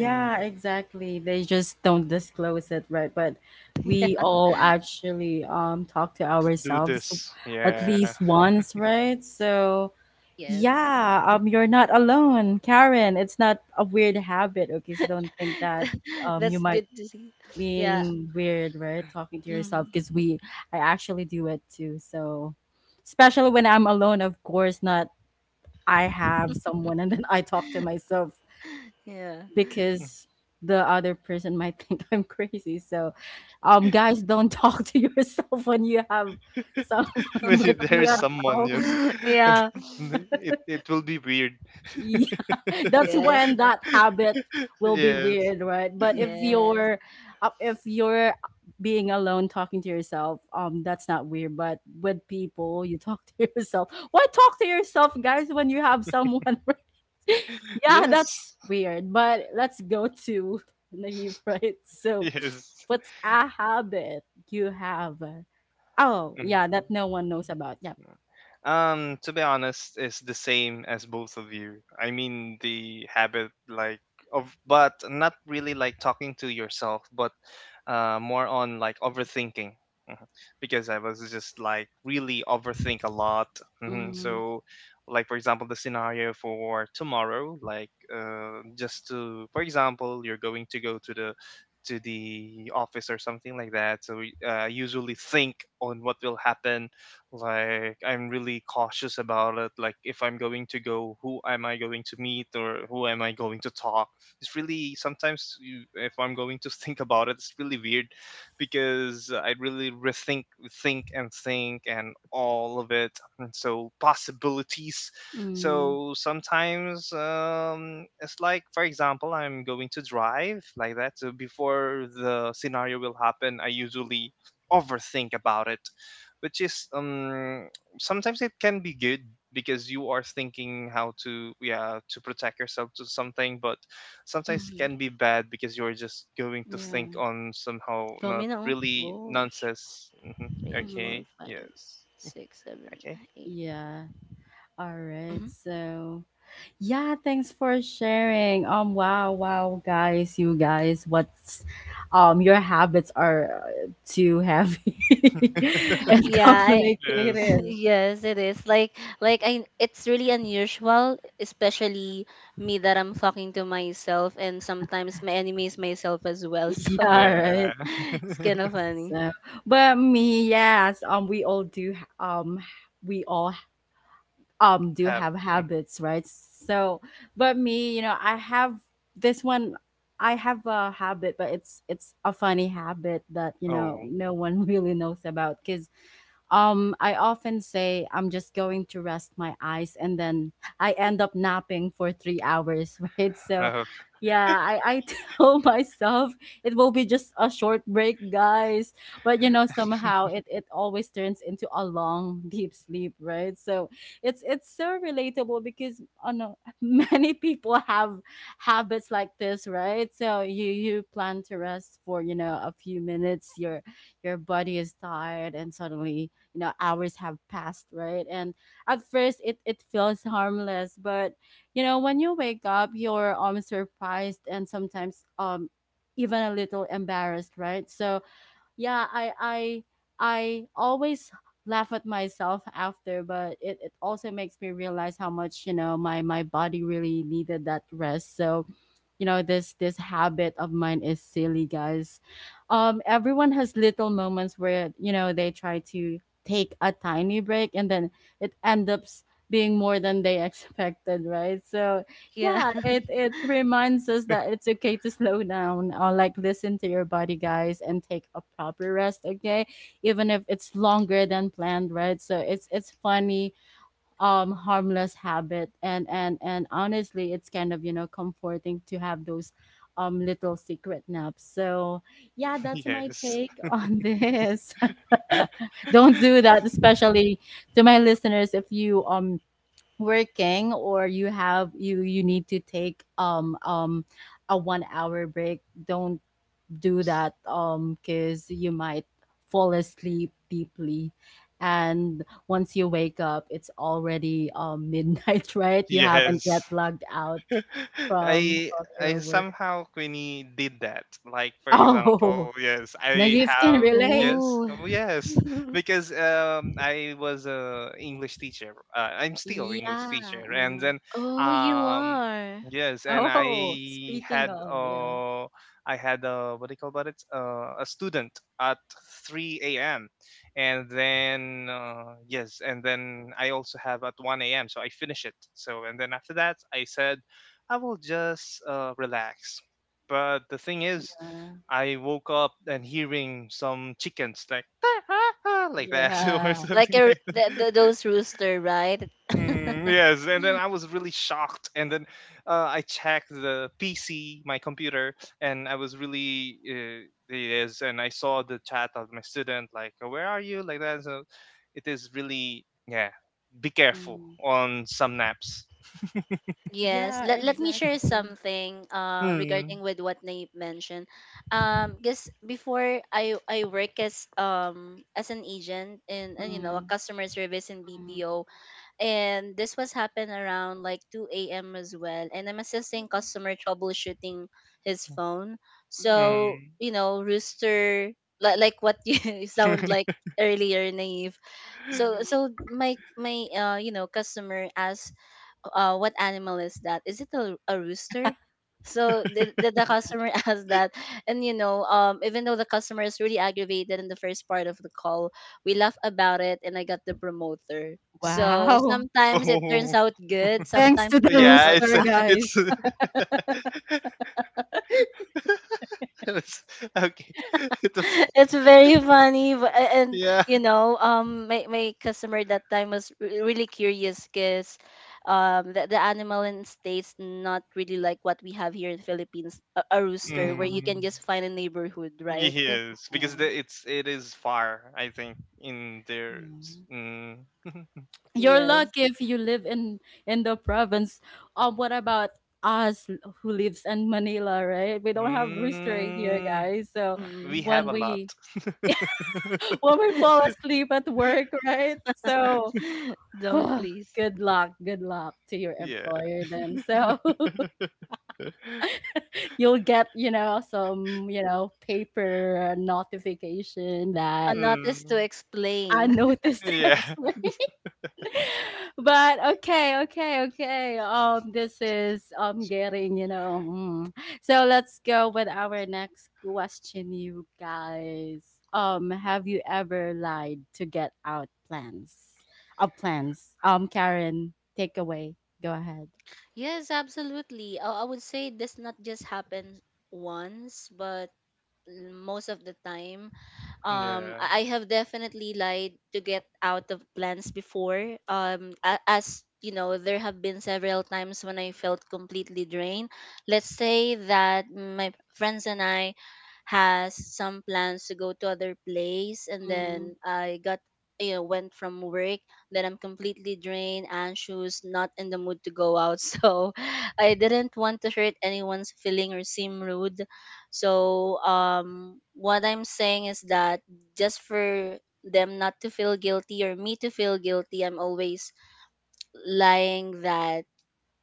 Speaker 3: Mm.
Speaker 1: exactly. They just don't disclose it, right? But we
Speaker 2: Yeah.
Speaker 1: all actually talk to
Speaker 3: Do
Speaker 1: ourselves
Speaker 3: this.
Speaker 1: at
Speaker 3: Yeah.
Speaker 1: least once, right? So
Speaker 2: Yes.
Speaker 1: yeah, you're not alone, Karen. It's not a weird habit, okay? So don't think that you
Speaker 2: That's
Speaker 1: might
Speaker 2: good to see. Yeah.
Speaker 1: being weird, right? Talking to yourself
Speaker 2: Hmm.
Speaker 1: because we I actually do it too. So especially when I'm alone, of course, not I have someone and then I talk to myself
Speaker 2: Yeah.
Speaker 1: because the other person might think I'm crazy. So, guys, don't talk to yourself when you have someone
Speaker 3: When
Speaker 1: with you
Speaker 3: there's
Speaker 1: at
Speaker 3: someone, yes.
Speaker 1: home.
Speaker 2: Yeah.
Speaker 3: It will be weird.
Speaker 1: Yeah, that's
Speaker 2: Yes.
Speaker 1: when
Speaker 2: Um,
Speaker 1: that habit will be
Speaker 3: Yes.
Speaker 1: weird, right? But
Speaker 2: yes.
Speaker 1: if you're being alone talking to yourself, that's not weird, but with people you talk to yourself. Why talk to yourself, guys, when you have someone? Right? Yeah,
Speaker 3: Yes.
Speaker 1: that's weird. But let's go to naive, right? So,
Speaker 3: Yes.
Speaker 1: what's a habit you have? Oh,
Speaker 3: Mhm.
Speaker 1: yeah, that no one knows about. Yeah.
Speaker 3: To be honest, it's the same as both of you. I mean, the habit like of, but not really like talking to yourself, but more on like overthinking. Mhm. Because I was just like really overthink a lot. Hmm.
Speaker 1: Mm,
Speaker 3: So, like, for example, the scenario for tomorrow, like, for example, you're going to go to the office or something like that. So I usually think on what will happen. Like, I'm really cautious about it. Like, if I'm going to go, who am I going to meet or who am I going to talk? It's really, if I'm going to think about it, it's really weird, because I really rethink, think and all of it. And so possibilities.
Speaker 1: mm,
Speaker 3: So sometimes, it's like, for example, I'm going to drive like that. So before the scenario will happen, I usually overthink about it, which is, sometimes it can be good because you are thinking how to protect yourself to something. But sometimes it
Speaker 2: Mm-hmm.
Speaker 3: can be bad because you're just going to
Speaker 1: yeah.
Speaker 3: think on, somehow,
Speaker 2: Count me
Speaker 3: not
Speaker 2: now.
Speaker 3: really
Speaker 2: Whoa.
Speaker 3: nonsense. Mhm.
Speaker 2: Three,
Speaker 1: Mm,
Speaker 2: four,
Speaker 3: Okay, yes.
Speaker 2: five, six, seven,
Speaker 3: Okay,
Speaker 2: eight.
Speaker 1: yeah. All right.
Speaker 2: Mhm.
Speaker 1: So, yeah, thanks for sharing. Wow, wow guys, you guys, what's your habits are too heavy and
Speaker 2: Yeah, I,
Speaker 3: yes,
Speaker 1: complicated.
Speaker 2: yes, it is. Like I, it's really unusual, especially me that I'm talking to myself, and sometimes my enemy is myself as well. So
Speaker 3: yeah.
Speaker 1: Yeah, right.
Speaker 2: it's kind of funny.
Speaker 1: So, but me, yes, we all do we all do
Speaker 3: Have.
Speaker 1: have habits, right? So but me, you know, I have this one. I have a habit, but it's a funny habit that, you know,
Speaker 3: Oh,
Speaker 1: no one really knows about, cause I often say I'm just going to rest my eyes, and then I end up napping for 3 hours, right? So,
Speaker 3: uh,
Speaker 1: yeah, I tell myself it will be just a short break, guys. But you know, somehow it always turns into a long, deep sleep, right? So it's so relatable because oh no, many people have habits like this, right? So you plan to rest for you know a few minutes, your body is tired, and suddenly you know hours have passed, right? And at first it feels harmless, but you know when you wake up you're surprised and sometimes even a little embarrassed, right? So yeah, I always laugh at myself after, but it also makes me realize how much, you know, my body really needed that rest. So you know this this habit of mine is silly, guys. Everyone has little moments where you know they try to take a tiny break and then it ends up being more than they expected, right? So
Speaker 2: Yeah.
Speaker 1: yeah, it reminds us that it's okay to slow down or like listen to your body, guys, and take a proper rest, okay? Even if it's longer than planned, right? So it's funny, harmless habit, and honestly it's kind of, you know, comforting to have those little secret naps. So yeah, that's my
Speaker 3: yes,
Speaker 1: take on this. Don't do that, especially to my listeners, if you working or you have you need to take a 1 hour break. Don't do that because you might fall asleep deeply, and once you wake up it's already midnight, right? You haven't
Speaker 3: yes.
Speaker 1: yet logged out from
Speaker 3: I
Speaker 1: from
Speaker 3: I
Speaker 1: your work.
Speaker 3: somehow, Queenie, did that. Like, for
Speaker 1: Oh,
Speaker 3: example, yes, I
Speaker 1: naive can
Speaker 3: have,
Speaker 1: relate.
Speaker 3: yes,
Speaker 2: Ooh.
Speaker 3: oh yes, because I was a English teacher. I'm still English
Speaker 1: Yeah.
Speaker 3: teacher, and
Speaker 1: Mm.
Speaker 3: then
Speaker 2: Oh, you
Speaker 3: um
Speaker 2: are
Speaker 3: yes, and
Speaker 1: Oh,
Speaker 3: I
Speaker 1: speaking
Speaker 3: had,
Speaker 1: of, yeah.
Speaker 3: what do you call about it, a student at 3 a.m., and then yes, and then I also have at 1 a.m. So I finish it. So, and then after that, I said, I will just relax. But the thing is,
Speaker 1: Yeah.
Speaker 3: I woke up and hearing some chickens like like that, or
Speaker 1: Yeah.
Speaker 2: like
Speaker 3: something
Speaker 2: a,
Speaker 3: like that.
Speaker 2: the, those rooster, right?
Speaker 1: Yeah.
Speaker 3: Mm, yes, and then I was really shocked. And then I checked the PC, my computer, and I was really, yes, and I saw the chat of my student like, "Where are you?" Like that. So it is really, yeah. Be careful
Speaker 1: Mm.
Speaker 3: on some naps.
Speaker 2: Yes,
Speaker 1: Yeah,
Speaker 2: let, let me share
Speaker 1: exactly.
Speaker 2: something
Speaker 3: Mm,
Speaker 2: regarding with what Nate mentioned. Because before I work as an agent in— and you know, a
Speaker 1: Mm,
Speaker 2: customer service in
Speaker 1: mm,
Speaker 2: BPO, and this was happen around like 2 a.m. as well, and I'm assisting customer troubleshooting his phone.
Speaker 1: mm,
Speaker 2: So
Speaker 3: mm.
Speaker 2: you know, rooster, like what you sound like earlier, Naive. So
Speaker 1: mm.
Speaker 2: so my you know, customer asked, what animal is that? Is it a rooster? So the customer asked that. And, you know, even though the customer is really aggravated in the first part of the call, we laughed about it and I got the promoter. So
Speaker 1: Wow.
Speaker 2: sometimes it turns
Speaker 3: Oh,
Speaker 2: out good,
Speaker 1: Thanks
Speaker 2: sometimes
Speaker 1: to
Speaker 2: it
Speaker 1: the
Speaker 2: turns
Speaker 3: yeah,
Speaker 2: out—
Speaker 1: rooster,
Speaker 3: it's,
Speaker 1: guys.
Speaker 3: it was- okay. It was,
Speaker 2: it's very funny, but, and
Speaker 3: yeah.
Speaker 2: you know, my, my customer that time was really curious because the animal in states not really like what we have here in Philippines, a rooster where you can
Speaker 3: Mm,
Speaker 2: just find a neighborhood, right?
Speaker 3: yes, because it is far. I think in their, s-
Speaker 1: Yeah.
Speaker 3: mm,
Speaker 1: You're
Speaker 2: Yes.
Speaker 1: lucky if you live in the province. What about us who lives in Manila, right? We don't have rooster here,
Speaker 3: mm,
Speaker 1: guys. So
Speaker 3: uh, we
Speaker 2: Mm.
Speaker 3: have
Speaker 1: when
Speaker 3: a lot.
Speaker 1: we when we fall asleep at work, right? So
Speaker 2: Don't please—
Speaker 1: good luck to your
Speaker 3: Yeah.
Speaker 1: employer then. So you'll get, you know, some, you know, paper notification
Speaker 2: a
Speaker 1: that
Speaker 2: not is to
Speaker 3: Mm,
Speaker 1: I
Speaker 2: explain.
Speaker 1: noticed
Speaker 3: yeah.
Speaker 1: X. But okay, okay, okay. This is getting, you know. Mm. So let's go with our next question, you guys. Have you ever lied to get out plans? Of plans. Karen, take away. Go ahead.
Speaker 2: Yes, absolutely, I would say this not just happens once but most of the time.
Speaker 3: Yeah.
Speaker 2: I have definitely lied to get out of plans before. Um, as you know, there have been several times when I felt completely drained. Let's say that my friends and I has some plans to go to other place, and
Speaker 1: Mm,
Speaker 2: then I got, you know, went from work, then I'm completely drained, anxious, not in the mood to go out. So I didn't want to hurt anyone's feeling or seem rude. So what I'm saying is that just for them not to feel guilty or me to feel guilty, I'm always lying that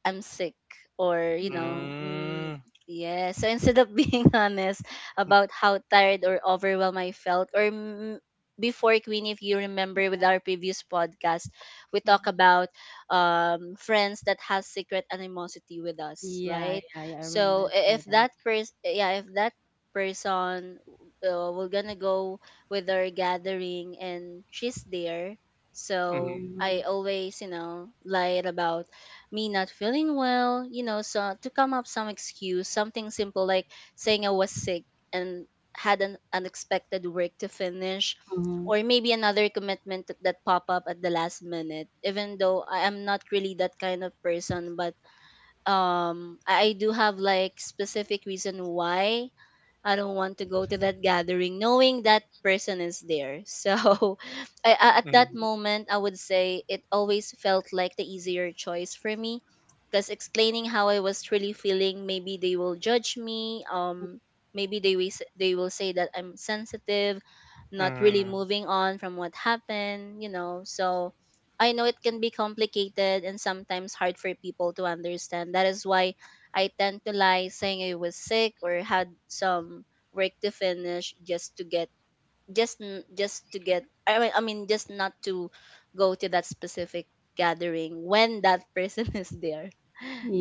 Speaker 2: I'm sick or you know,
Speaker 1: mm,
Speaker 2: mm,
Speaker 3: Mm,
Speaker 2: yeah, so instead of being honest about how tired or overwhelmed I felt or— mm, before, Queen, if you remember with
Speaker 1: yeah.
Speaker 2: our previous podcast, we talk
Speaker 1: Mhm.
Speaker 2: about friends that has secret animosity with us,
Speaker 1: Yeah,
Speaker 2: right?
Speaker 1: yeah, yeah, I
Speaker 2: So
Speaker 1: remember
Speaker 2: if
Speaker 1: that.
Speaker 2: that person— yeah, if that person, we're gonna go with our gathering and she's there, so
Speaker 3: mhm,
Speaker 2: I
Speaker 1: Mm,
Speaker 2: always, you know, lied about me not feeling well, you know, so to come up some excuse, something simple like saying I was sick and had an unexpected work to finish,
Speaker 1: mhm.
Speaker 2: or maybe another commitment that, that pop up at the last minute, even though I am not really that kind of person. But I do have like specific reason why I don't want to go to that gathering, knowing that person is there. So I— at
Speaker 3: mm,
Speaker 2: that moment, I would say it always felt like the easier choice for me, because explaining how I was really feeling, maybe they will judge me. Maybe they will, they will say that I'm sensitive, not
Speaker 3: mm,
Speaker 2: really moving on from what happened, you know. So I know it can be complicated and sometimes hard for people to understand. That is why I tend to lie saying I was sick or had some work to finish just to get, just just to get— I mean, I mean, just not to go to that specific gathering when that person is there.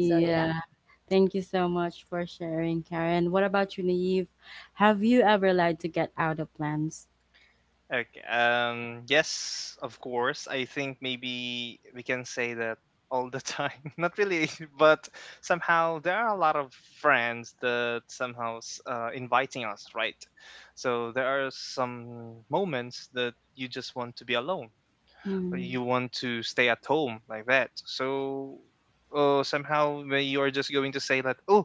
Speaker 2: So yeah.
Speaker 3: mhm.
Speaker 1: Thank you so much for sharing, Karen. What about you, Naive? Have you ever lied to get out of plans?
Speaker 3: Okay. Yes, of course. I think maybe we can say that all the time. Not really, but somehow there are a lot of friends that somehow, inviting us, right? So there are some moments that you just want to be alone. Or
Speaker 1: Mm,
Speaker 3: you want to stay at home like that. Somehow when you are just going to say that oh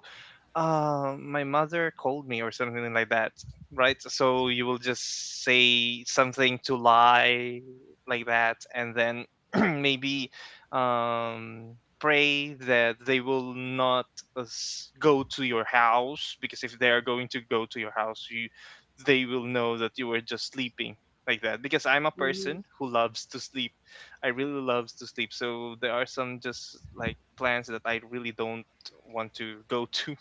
Speaker 3: uh, my mother called me or something like that, right? So you will just say something to lie like that, and then maybe pray that they will not go to your house because if they are going to go to your house, you they will know that you were just sleeping like that because I'm a
Speaker 1: mm,
Speaker 3: person who loves to sleep. I really loves to sleep, so there are some just like plans that I really don't want to go to.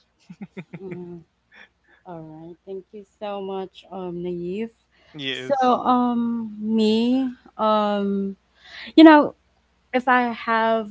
Speaker 1: mm. All right. Thank you so much, Naive. So,
Speaker 3: Yes.
Speaker 1: me, you know, if I have,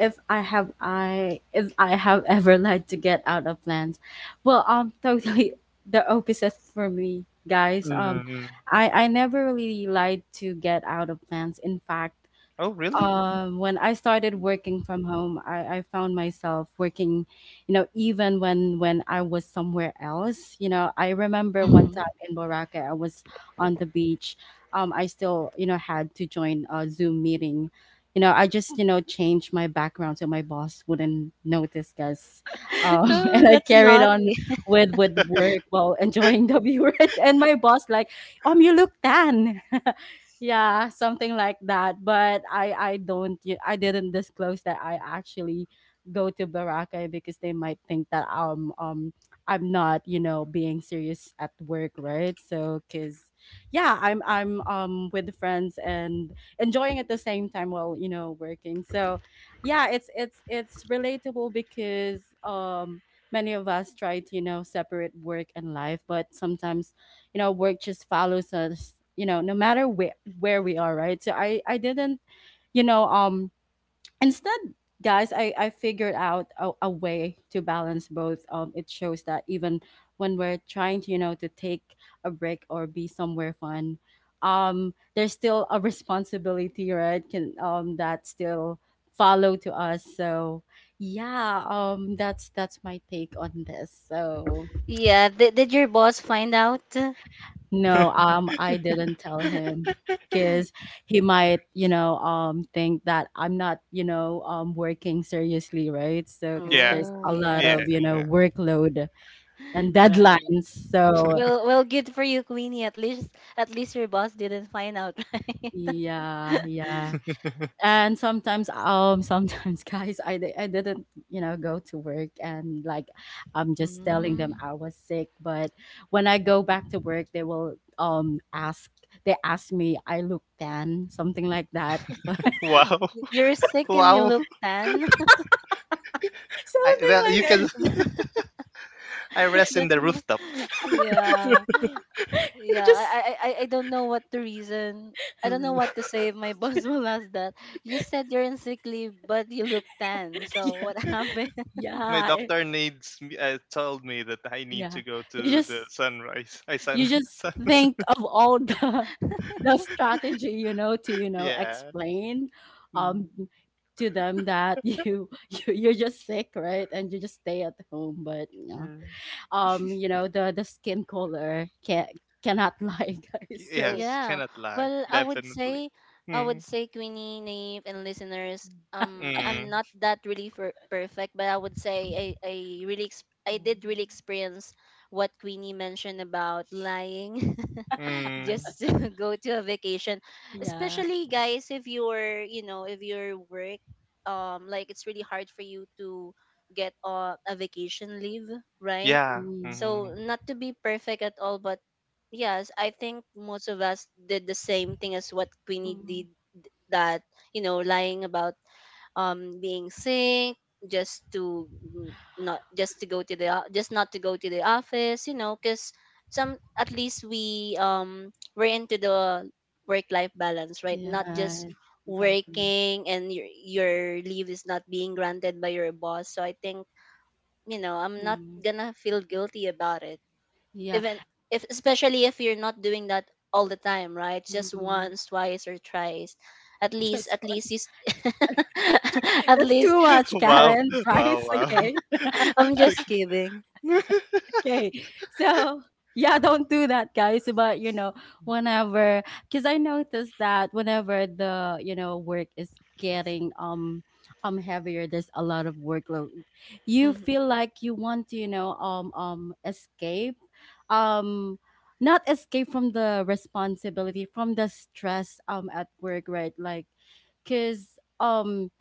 Speaker 1: if I have ever lied to get out of plans, well, totally the opposite for me, guys.
Speaker 3: Hmm.
Speaker 1: I never really lied to get out of plans. In fact,
Speaker 3: Oh, really?
Speaker 1: when I started working from home, I found myself working, you know, even when I was somewhere else. You know, I remember one time
Speaker 2: Mhm.
Speaker 1: in Boracay, I was on the beach. I still, you know, had to join a Zoom meeting. You know, I just, you know, changed my background so my boss wouldn't notice, guys.
Speaker 2: Oh,
Speaker 1: And I
Speaker 2: that's
Speaker 1: carried on
Speaker 2: naughty.
Speaker 1: with work while enjoying the view. And my boss like, you look tan. Yeah, something like that, but I don't y- I didn't disclose that I actually go to baraka because they might think that I'm not, you know, being serious at work, right? So because yeah, I'm with friends and enjoying at the same time while, you know, working. So yeah, it's it's relatable because many of us try to, you know, separate work and life, but sometimes you know work just follows us, you know, no matter where we are, right? So I didn't, you know, instead, guys, I figured out a way to balance both. It shows that even when we're trying to, you know, to take a break or be somewhere fun, there's still a responsibility, right? can that still follow to us. So yeah, that's my take on this. So
Speaker 2: Yeah, did your boss find out?
Speaker 1: no, I didn't tell him because he might, you know, think that I'm not, you know, working seriously, right? So, because
Speaker 3: Yeah.
Speaker 1: there's
Speaker 2: Oh,
Speaker 1: a lot
Speaker 3: Yeah.
Speaker 2: yeah.
Speaker 1: of, you
Speaker 3: Yeah.
Speaker 1: know, workload and
Speaker 2: Right.
Speaker 1: deadlines. So,
Speaker 2: Well, well, good for you, Queenie. At least your boss didn't find out, right?
Speaker 1: yeah, yeah. And sometimes, guys, I didn't, you know, go to work and like I'm just telling them
Speaker 2: Mm.
Speaker 1: I was sick. But when I go back to work, they will, they ask me, I look tan, something like that.
Speaker 3: Wow.
Speaker 2: You're sick and you
Speaker 3: Wow.
Speaker 2: look tan.
Speaker 3: I
Speaker 1: Something
Speaker 3: well,
Speaker 1: like
Speaker 3: you
Speaker 1: that.
Speaker 3: can. I rest in
Speaker 2: That's
Speaker 3: the
Speaker 2: not,
Speaker 3: rooftop.
Speaker 2: yeah.
Speaker 1: It
Speaker 2: Yeah,
Speaker 1: just
Speaker 2: I don't know what the reason. I don't know
Speaker 3: Mm.
Speaker 2: what to say if my boss will ask that. You said you're in sick leave, but you look tan. So
Speaker 1: yeah,
Speaker 2: what happened?
Speaker 3: My
Speaker 1: yeah, it,
Speaker 3: doctor told me that I need
Speaker 1: yeah.
Speaker 3: to go
Speaker 1: You
Speaker 3: to the
Speaker 1: just
Speaker 3: sunrise. I
Speaker 1: you
Speaker 3: sun
Speaker 1: just
Speaker 3: sun.
Speaker 1: think of all the the strategy, you know, to you know
Speaker 3: Yeah.
Speaker 1: explain um
Speaker 3: Mm,
Speaker 1: to them that you, you you're just sick, right? And you just stay at home, but yeah.
Speaker 3: mm.
Speaker 1: You know, the skin color cannot lie, guys. So,
Speaker 3: Yes.
Speaker 2: Yeah.
Speaker 3: Cannot lie.
Speaker 2: Well, I would
Speaker 3: Definitely.
Speaker 2: say, I would
Speaker 3: Mm.
Speaker 2: say, Queenie, Naive, and listeners,
Speaker 3: Mm.
Speaker 2: I'm not that really for perfect, but I would say I really, I did really experience what Queenie mentioned about lying,
Speaker 3: Mm.
Speaker 2: just to go to a vacation,
Speaker 1: yeah.
Speaker 2: especially guys, if if your work, like it's really hard for you to get a vacation leave, right?
Speaker 3: Yeah.
Speaker 1: Mm,
Speaker 3: Mm.
Speaker 2: So not to be perfect at all, but yes, I think most of us did the same thing as what Queenie
Speaker 1: mm,
Speaker 2: did that, you know, lying about being sick just to not just to go to the just not to go to the office, you know, cuz some at least we we're into the work life balance, right? Not just
Speaker 1: yeah, exactly.
Speaker 2: working and your leave is not being granted by your boss. So I think, you know, I'm not
Speaker 1: Mm,
Speaker 2: gonna feel guilty about it
Speaker 1: yeah.
Speaker 2: even if, especially if you're not doing that all the time, right? Just
Speaker 1: Mm,
Speaker 2: once, twice, or thrice. At least,
Speaker 1: just one.
Speaker 2: at
Speaker 1: That's
Speaker 2: least
Speaker 1: too much,
Speaker 3: Wow.
Speaker 1: Karen.
Speaker 3: Wow.
Speaker 1: Price,
Speaker 3: Wow.
Speaker 1: okay,
Speaker 2: I'm just
Speaker 3: Okay.
Speaker 2: kidding.
Speaker 1: okay. So yeah, don't do that, guys. But you know, whenever, because I noticed that whenever the, you know, work is getting heavier, there's a lot of workload. You
Speaker 2: Mhm.
Speaker 1: feel like you want to you know escape, um not escape from the responsibility, from the stress at work, right? Like, cause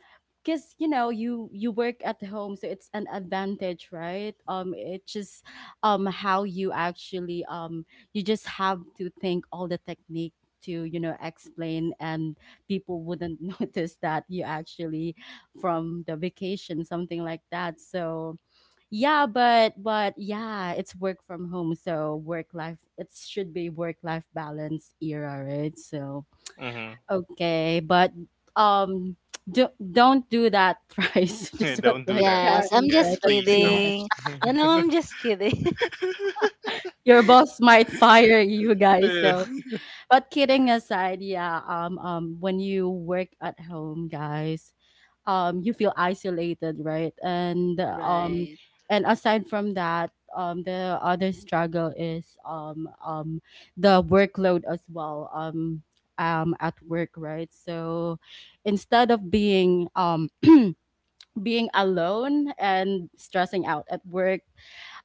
Speaker 1: because you know you work at home so it's an advantage, right? It's just how you actually you just have to think all the technique to you know explain and people wouldn't notice that you actually from the vacation something like that. So yeah, but yeah, it's work from home, so work life, it should be work life balance era, right? So
Speaker 3: Hmm.
Speaker 1: okay, but um, don't do that thrice. Just what
Speaker 3: Don't do
Speaker 1: like
Speaker 3: that.
Speaker 2: Yes,
Speaker 1: Karen
Speaker 2: I'm
Speaker 1: said,
Speaker 3: Yes,
Speaker 2: just
Speaker 1: that's
Speaker 3: please
Speaker 1: too much.
Speaker 3: don't.
Speaker 2: kidding. You know, I'm just kidding.
Speaker 1: Your boss might fire you, guys.
Speaker 3: Yeah.
Speaker 1: So, but kidding aside, yeah. When you work at home, guys, you feel isolated, right?
Speaker 2: Right.
Speaker 1: And aside from that, the other struggle is the workload as well. At work, right? So instead of being being alone and stressing out at work,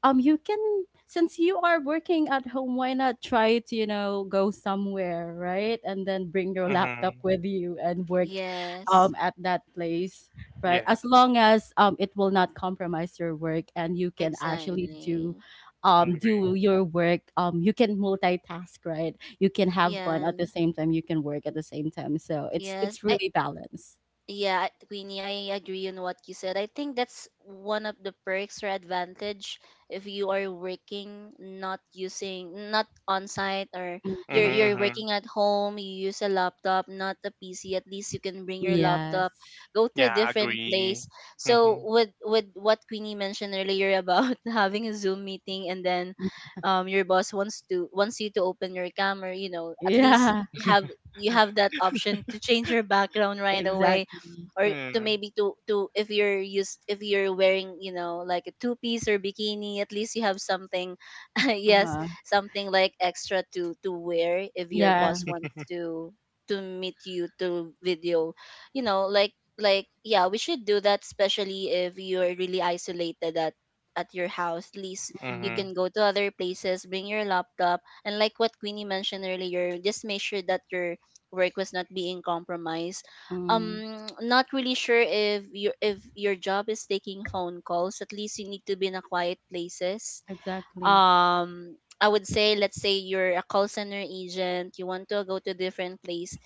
Speaker 1: you can since you are working at home why not try to you know go somewhere, right? And then bring your laptop
Speaker 3: Hmm.
Speaker 1: with you and work
Speaker 2: Yes.
Speaker 1: at that place, right?
Speaker 3: Yeah,
Speaker 1: As long as it will not compromise your work and you can actually do
Speaker 2: Exactly.
Speaker 3: agree.
Speaker 1: do your work. You can multitask, right? You can have fun
Speaker 2: Yeah.
Speaker 1: at the same time, you can work at the same time, so
Speaker 2: yes
Speaker 1: it's
Speaker 2: I
Speaker 1: really balanced.
Speaker 2: Yeah, Queenie, I agree on what you said. I think that's one of the perks or advantage if you are working not on site, or you're
Speaker 1: Mhm.
Speaker 3: Mm-hmm,
Speaker 2: you're
Speaker 3: hmm.
Speaker 2: working at home, you use a laptop, not a PC. At least you can bring your laptop,
Speaker 1: Yes.
Speaker 2: go to
Speaker 3: Yeah,
Speaker 2: a different
Speaker 3: agree.
Speaker 2: place.
Speaker 3: Mm-hmm.
Speaker 2: So with what Queenie mentioned earlier about having a Zoom meeting and then your boss wants you to open your camera, you know, at least
Speaker 1: Yeah,
Speaker 2: have you have that option to change your background right away,
Speaker 1: exactly.
Speaker 2: or to
Speaker 3: Mm-hmm.
Speaker 2: maybe to if you're used if you're wearing, you know, like a two piece or bikini, at least you have something,
Speaker 1: Uh
Speaker 2: yes,
Speaker 1: huh.
Speaker 2: something like extra to wear if your
Speaker 1: Yeah,
Speaker 2: boss wants to meet you, to video, you know, like, yeah, we should do that especially if you're really isolated at your house. At least you
Speaker 1: mm,
Speaker 3: Mm-hmm.
Speaker 2: can go to other places, bring your laptop, and like what Queenie mentioned earlier, just make sure that your work was not being compromised.
Speaker 1: mm,
Speaker 2: um Not really sure if your job is taking phone calls, at least you need to be in a quiet places.
Speaker 1: exactly.
Speaker 2: um I would say let's say you're a call center agent, you want to go to different place,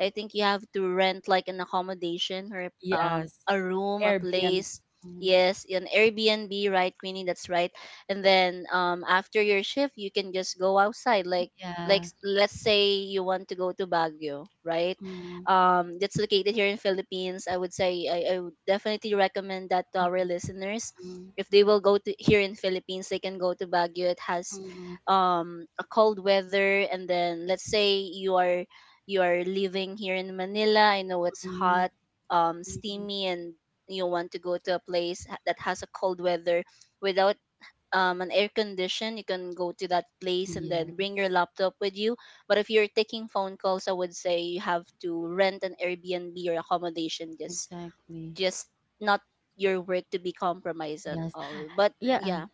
Speaker 2: I think you have to rent like an accommodation, or a
Speaker 1: Yes,
Speaker 2: room, a
Speaker 1: Airbnb.
Speaker 2: place.
Speaker 1: Mm,
Speaker 2: Yes, an Airbnb, right, Queenie? That's right. And then after your shift, you can just go outside, like
Speaker 1: yeah.
Speaker 2: let's say you want to go to Baguio, right?
Speaker 1: Mm,
Speaker 2: That's located here in Philippines. I would say I would definitely recommend that to our listeners.
Speaker 1: mm,
Speaker 2: If they will go to here in Philippines, they can go to Baguio. It has
Speaker 1: mm,
Speaker 2: a cold weather, and then let's say you are living here in Manila. I know it's
Speaker 1: mm,
Speaker 2: hot,
Speaker 1: mm.
Speaker 2: steamy, and you want to go to a place that has a cold weather without an air condition. You can go to that place and then bring your
Speaker 1: Yes,
Speaker 2: laptop with you. But if you're taking phone calls, I would say you have to rent an Airbnb or accommodation, just
Speaker 1: exactly.
Speaker 2: just not your work to be compromised at
Speaker 1: Yes.
Speaker 2: all. But
Speaker 1: Yeah.
Speaker 2: yeah.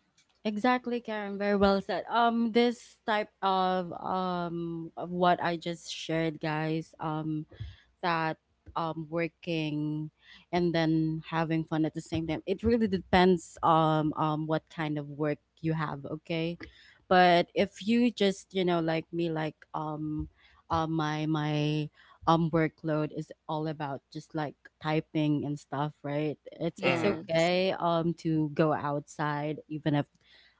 Speaker 1: Exactly, Karen. Very well said. This type of what I just shared, guys. That working and then having fun at the same time. It really depends what kind of work you have. Okay, but if you just, you know, like me, like my my workload is all about just like typing and stuff, right? It's
Speaker 2: Yes,
Speaker 1: okay to go outside, even if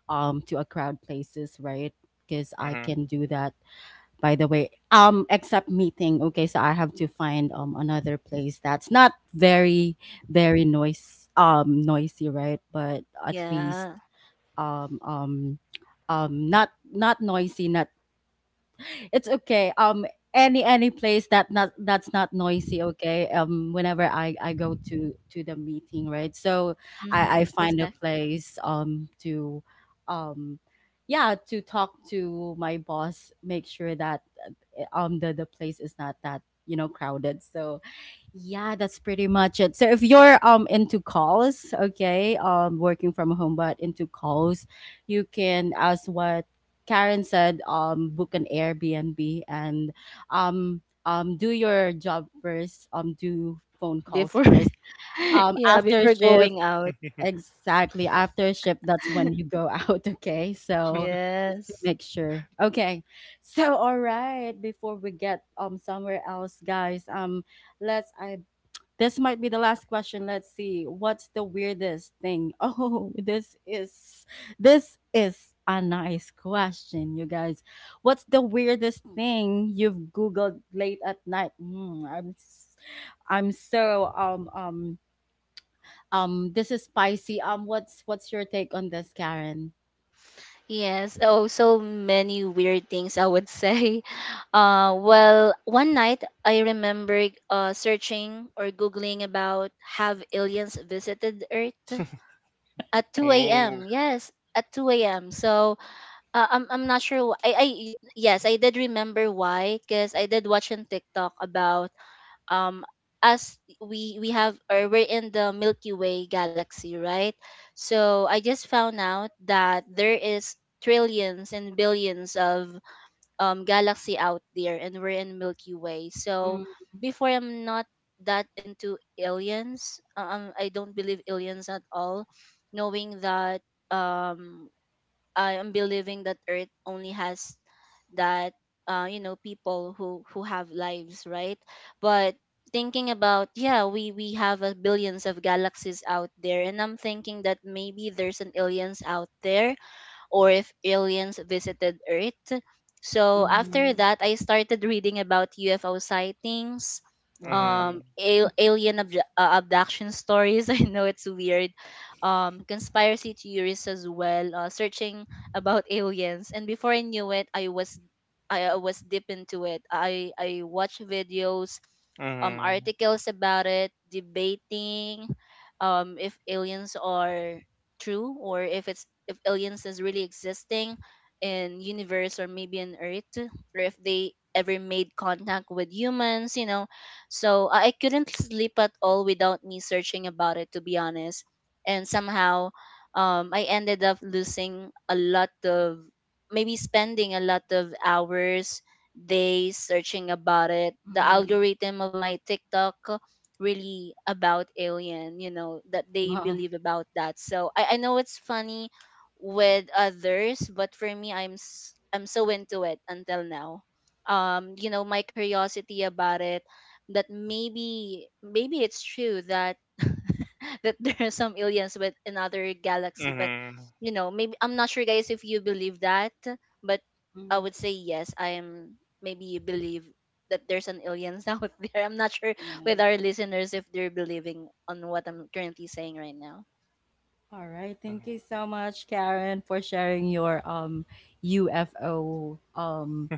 Speaker 1: to a crowd places, right? Because I can do that. By the way, except meeting. Okay, so I have to find another place that's not very very noise noisy, right? But at least
Speaker 2: yeah.
Speaker 1: um um not noisy, not — it's okay. Any place that not that's not noisy. Okay. Whenever I go to the meeting, right? So I
Speaker 2: Hmm,
Speaker 1: find a
Speaker 2: exactly.
Speaker 1: place to um yeah, to talk to my boss. Make sure that the place is not that, you know, crowded. So yeah, that's pretty much it. So if you're into calls, okay, working from home but into calls, you can, as what Karen said, book an Airbnb and do your job first, do phone calls
Speaker 2: Before,
Speaker 1: first.
Speaker 2: yeah,
Speaker 1: After
Speaker 2: before
Speaker 1: shift,
Speaker 2: going out,
Speaker 3: Mm-hmm.
Speaker 1: exactly, after shift, that's when you go out, okay? So just to
Speaker 2: yes.
Speaker 1: make sure. Okay. So all right, before we get somewhere else, guys, let's I this might be the last question. Let's see. What's the weirdest thing? Oh, this is a nice question, you guys. What's the weirdest thing you've googled late at night? Hmm, I'm so this is spicy. What's your take on this, Karen?
Speaker 2: Yes. Oh, so many weird things I would say. Well, one night I remember searching or Googling about have aliens visited Earth at 2
Speaker 3: Oh.
Speaker 2: a.m. Yes, at 2 a.m. So I'm not sure. Yes, I did remember why, because I did watch on TikTok about um as we have, or we're in the Milky Way galaxy, right? So I just found out that there is trillions and billions of galaxy out there, and we're in Milky Way. So
Speaker 1: Mm,
Speaker 2: before, I'm not that into aliens. I don't believe aliens at all, knowing that um I am believing that Earth only has that you know, people who have lives, right? But thinking about, yeah, we have a billions of galaxies out there, and I'm thinking that maybe there's an aliens out there, or if aliens visited Earth. So after
Speaker 1: Mm-hmm.
Speaker 2: that, I started reading about UFO sightings,
Speaker 1: Wow.
Speaker 3: Mm-hmm.
Speaker 2: abduction stories. I know it's weird. Conspiracy theories as well, searching about aliens. And before I knew it, I was deep into it. I watched videos,
Speaker 3: Mm-hmm.
Speaker 2: articles about it, debating if aliens are true, or if it's if aliens is really existing in universe, or maybe in earth, or if they ever made contact with humans, you know. So I couldn't sleep at all without me searching about it, to be honest. And somehow, I ended up losing a lot of maybe spending a lot of hours, days searching about it. The
Speaker 1: Mm-hmm.
Speaker 2: algorithm of my TikTok really about alien, you know, that they
Speaker 1: Wow.
Speaker 2: believe about that. So I know it's funny with others, but for me, I'm so into it until now. You know, my curiosity about it, that maybe it's true that that there are some aliens with another galaxy. But
Speaker 3: Mm-hmm.
Speaker 2: you know, maybe I'm not sure, guys, if you believe that. But I
Speaker 1: Mm,
Speaker 2: would say, yes, I am. Maybe you believe that there's an aliens out there. I'm not sure with
Speaker 1: yeah.
Speaker 2: our listeners if they're believing on what I'm currently saying right now.
Speaker 1: All right. Thank you
Speaker 3: Mm-hmm.
Speaker 1: so much, Karen, for sharing your UFO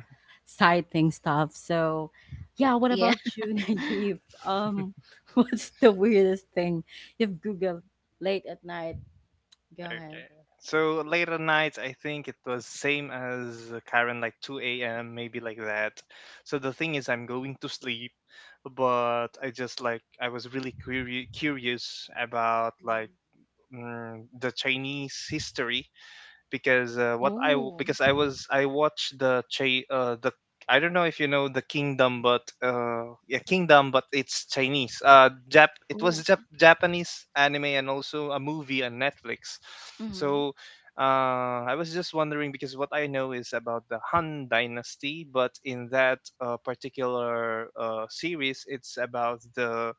Speaker 1: sighting stuff. So yeah, what
Speaker 2: Yeah.
Speaker 1: about you, Naive? What's the weirdest thing you've Googled late at night? Go ahead.
Speaker 3: Okay. So late at night, I think it was same as Karen, like 2 a.m., maybe like that. So the thing is, I'm going to sleep, but I just like, I was really curious about like the Chinese history because
Speaker 2: Oh.
Speaker 3: because I watched the Chi the I don't know if you know the Kingdom, but yeah, Kingdom, but it's Chinese. Jap it was
Speaker 2: Oh.
Speaker 3: Jap Japanese anime and also a movie on Netflix.
Speaker 2: Mm-hmm.
Speaker 3: So I was just wondering because what I know is about the Han Dynasty, but in that particular series, it's about the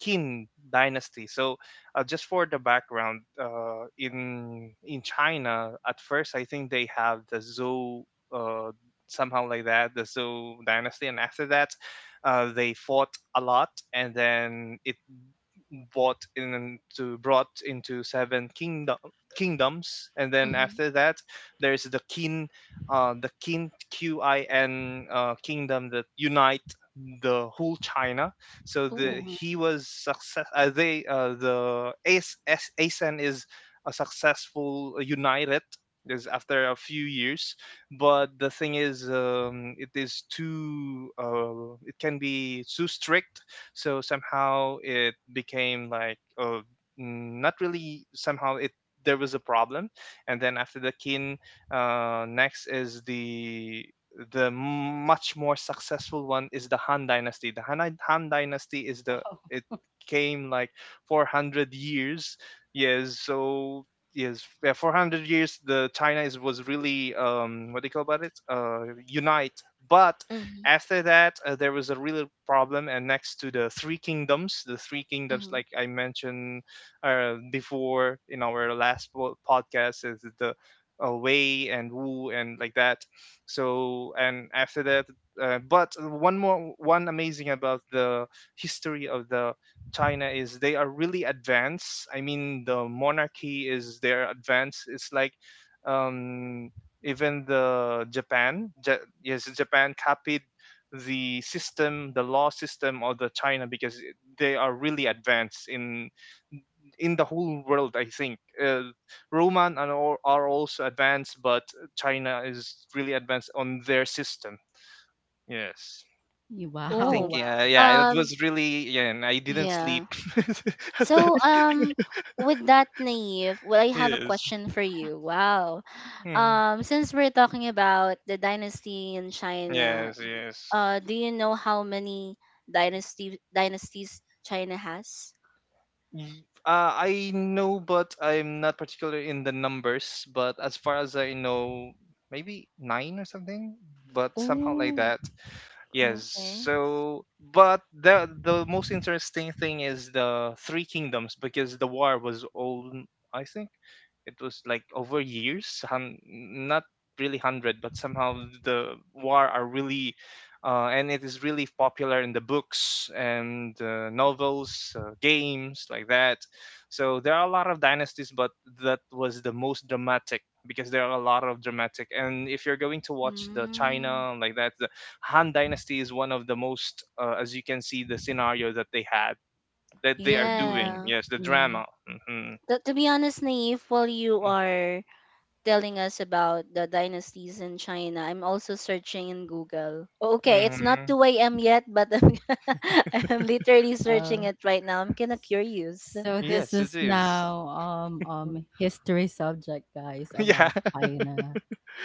Speaker 3: Qin Dynasty. So just for the background, in China, at first I think they have the Zhou uh, somehow like that, the Zhou dynasty, and after that, they fought a lot, and then it brought into seven kingdoms, and then
Speaker 2: Hmm.
Speaker 3: after that there's the kin Qin kingdom that unite the whole China. So the
Speaker 2: Oh.
Speaker 1: Mm-hmm.
Speaker 3: he was success they the as ace asen is a successful united is after a few years, but the thing is it is too it can be too strict, so somehow it became like mm, not really somehow it there was a problem, and then after the kin next is the much more successful one is the Han Dynasty. The Han Dynasty is the
Speaker 1: Wow.
Speaker 3: it came like 400 years, yes. So yes, yeah, 400 years the China is was really um, what do you call about it, uh, unite. But
Speaker 2: Hmm.
Speaker 3: after that, there was a real problem, and next to the Three Kingdoms,
Speaker 2: Hmm.
Speaker 3: like I mentioned before in our last podcast, is the Wei and Wu and like that. So, and after that, one amazing about the history of the China is they are really advanced. I mean, the monarchy is their advanced. It's like um, even the yes, Japan copied the system, the law system of the China because they are really advanced in the whole world. I think uh, Roman and are also advanced, but China is really advanced on their system. Yes. I
Speaker 1: Wow,
Speaker 3: think
Speaker 2: Oh.
Speaker 3: yeah,
Speaker 1: wow.
Speaker 3: yeah, it
Speaker 2: Um.
Speaker 3: was really yeah, and I didn't sleep
Speaker 2: Yeah.
Speaker 3: at
Speaker 2: So,
Speaker 3: that.
Speaker 2: um, with that, Naive, well, I have a
Speaker 3: Yes.
Speaker 2: question for you. Wow.
Speaker 3: Hmm.
Speaker 2: Um, since we're talking about the dynasty in China,
Speaker 3: Yes, yes.
Speaker 2: do you know how many dynasty dynasties China has?
Speaker 3: I know, but I'm not particular in the numbers. But as far as I know, maybe nine or something, but somehow like
Speaker 2: Oh.
Speaker 3: that. Yes.
Speaker 2: Okay.
Speaker 3: So, but the most interesting thing is the Three Kingdoms because the war was all I think it was like over years, not really hundred, but somehow the war are really, and it is really popular in the books and novels, games like that. So there are a lot of dynasties, but that was the most dramatic because there are a lot of dramatic. And if you're going to watch the
Speaker 2: Mm.
Speaker 3: China like that, Han Dynasty is one of the most, as you can see, the scenario that they had that they are doing.
Speaker 1: hmm
Speaker 2: Yeah.
Speaker 3: Yes, the
Speaker 1: Yeah.
Speaker 3: drama. Hmm.
Speaker 2: To be honest, Naive, while you are telling us about the dynasties in China, I'm also searching in Google. Okay, it's not
Speaker 3: Hmm.
Speaker 2: 2 a.m. yet, but I'm literally
Speaker 1: Uh
Speaker 2: searching it right now. I'm kind of
Speaker 1: s-
Speaker 2: curious.
Speaker 1: so this
Speaker 3: Yes, it
Speaker 1: is
Speaker 3: is.
Speaker 1: now history subject, guys,
Speaker 3: Yeah.
Speaker 1: about China.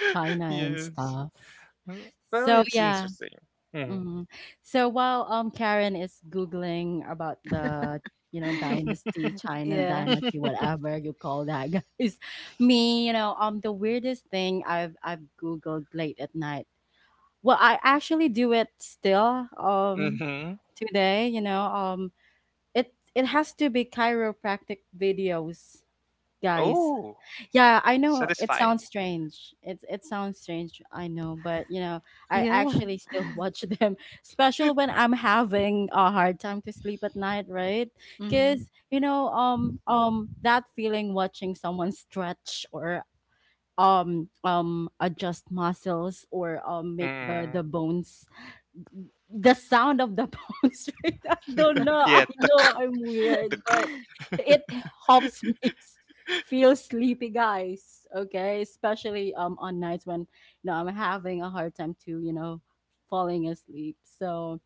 Speaker 1: China and
Speaker 3: Yes.
Speaker 1: stuff.
Speaker 3: Mm, well,
Speaker 1: So
Speaker 3: it's
Speaker 1: yeah.
Speaker 3: interesting. Hmm.
Speaker 1: Mhm. So while Karen is googling about the, you know, dynasty, China
Speaker 2: Yeah.
Speaker 1: dynasty, whatever you call that, guys. Me, you know, the weirdest thing I've googled late at night. Well, I actually do it still
Speaker 3: Hmm.
Speaker 1: today, you know, it has to be chiropractic videos, guys.
Speaker 3: Oh,
Speaker 1: Yeah, I know it
Speaker 3: satisfying.
Speaker 1: sounds strange. It sounds strange, I know, but, you know, I
Speaker 2: Yeah.
Speaker 1: actually still watch them, especially when I'm having a hard time to sleep at night, right?
Speaker 2: Mm-hmm.
Speaker 1: Cuz you know, that feeling watching someone stretch or adjust muscles or make the
Speaker 3: Mm.
Speaker 1: bones, the sound of the bounce rate. I don't know. I
Speaker 3: Yeah. The
Speaker 1: know I'm weird,
Speaker 3: the
Speaker 1: but it helps feel sleepy, guys. Okay, especially on nights when you know I'm having a hard time to, you know, falling asleep. So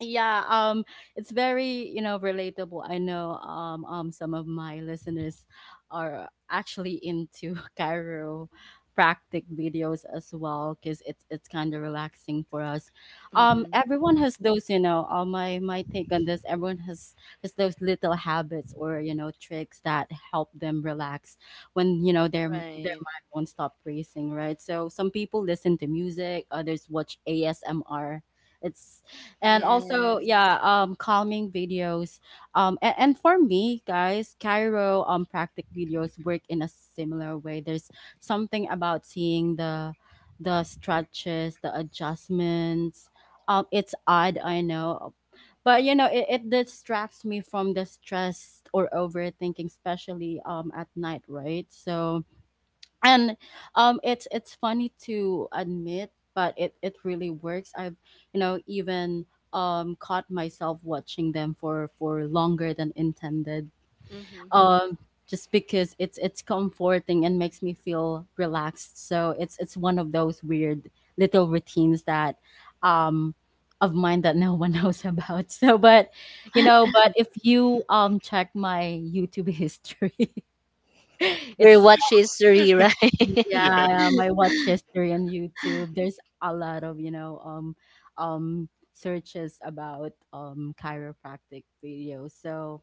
Speaker 1: yeah, it's very, you know, relatable. I know some of my listeners are actually into cairo practic videos as well, because it's kind of relaxing for us.
Speaker 2: Mm-hmm.
Speaker 1: Everyone has those, you know, my take on this, everyone has those little habits or, you know, tricks that help them relax when, you know, their
Speaker 2: Right.
Speaker 1: mind won't stop racing, right? So some people listen to music, others watch asmr. It's and also
Speaker 2: Yes.
Speaker 1: yeah, calming videos, and for me, guys, cairo practic videos work in a similar way. There's something about seeing the stretches, the adjustments. It's odd, I know, but, you know, it distracts me from the stress or overthinking, especially at night, right? so and It's funny to admit, but it really works. I've, you know, even caught myself watching them for longer than intended,
Speaker 2: Mm-hmm.
Speaker 1: um just because it's comforting and makes me feel relaxed. So it's one of those weird little routines that um of mine that no one knows about. So but, you know, but if you check my youtube history,
Speaker 2: We're
Speaker 1: it's —
Speaker 2: watch history, right?
Speaker 1: yeah,
Speaker 3: yes.
Speaker 1: my watch history on YouTube. There's a lot of, you know, searches about chiropractic videos. So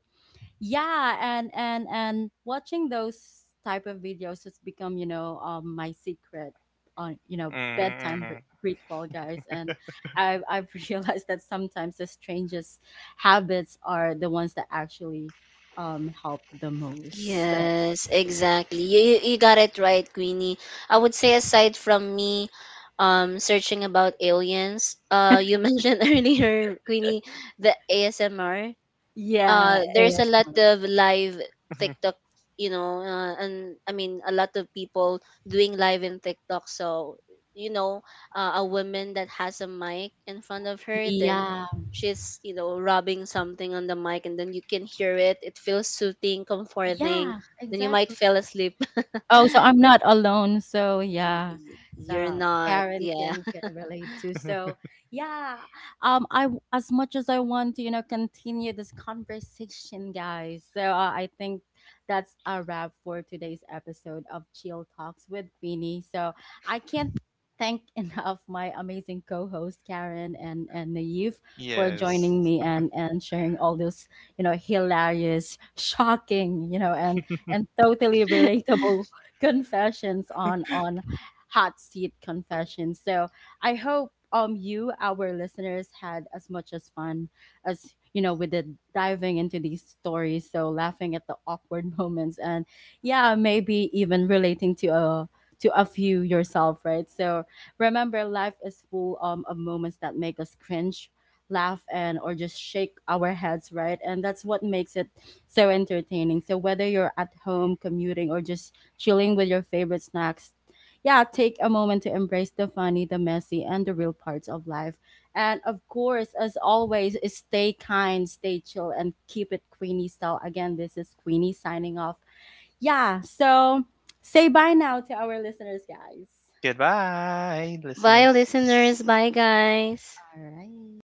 Speaker 1: yeah, and watching those type of videos has become, you know, my secret on, you know,
Speaker 3: Hmm.
Speaker 1: ritual, guys. And I've realized that sometimes the strangest habits are the ones that actually help the most. So
Speaker 2: Yes, exactly. You got it right, Queenie. I would say aside from me searching about aliens, you mentioned earlier, Queenie, the ASMR.
Speaker 1: yeah,
Speaker 2: There's a lot
Speaker 1: ASMR.
Speaker 2: of live TikTok, you know, and I mean a lot of people doing live in TikTok. So you know, a woman that has a mic in front of her, then
Speaker 1: Yeah.
Speaker 2: she's, you know, rubbing something on the mic, and then you can hear it. It feels soothing, comforting.
Speaker 1: Yeah,
Speaker 2: Then you might
Speaker 1: exactly.
Speaker 2: fall asleep.
Speaker 1: Oh, so I'm not alone. So yeah.
Speaker 2: You're
Speaker 1: So
Speaker 2: not,
Speaker 1: Karen
Speaker 2: yeah.
Speaker 1: can relate too. So yeah. I, as much as I want to, you know, continue this conversation, guys. So I think that's a wrap for today's episode of Chill Talks with Queenie. So I can't thank enough my amazing co-host Karen and Naive for
Speaker 3: Yes.
Speaker 1: joining me and sharing all those, you know, hilarious, shocking, you know, and totally relatable confessions on hot seat confessions. So I hope you, our listeners, had as much as fun as, you know, we did, diving into these stories, so laughing at the awkward moments and yeah, maybe even relating to a few yourself, right? So remember, life is full of moments that make us cringe, laugh, and or just shake our heads, right? And that's what makes it so entertaining. So whether you're at home, commuting, or just chilling with your favorite snacks. Yeah, take a moment to embrace the funny, the messy, and the real parts of life. And of course, as always, is stay kind, stay chill, and keep it Queenie style. Again, this is Queenie signing off. Yeah, so say bye now to our listeners, guys.
Speaker 3: Goodbye,
Speaker 2: Bye,
Speaker 3: listeners.
Speaker 2: listeners. Bye, guys.
Speaker 1: All right.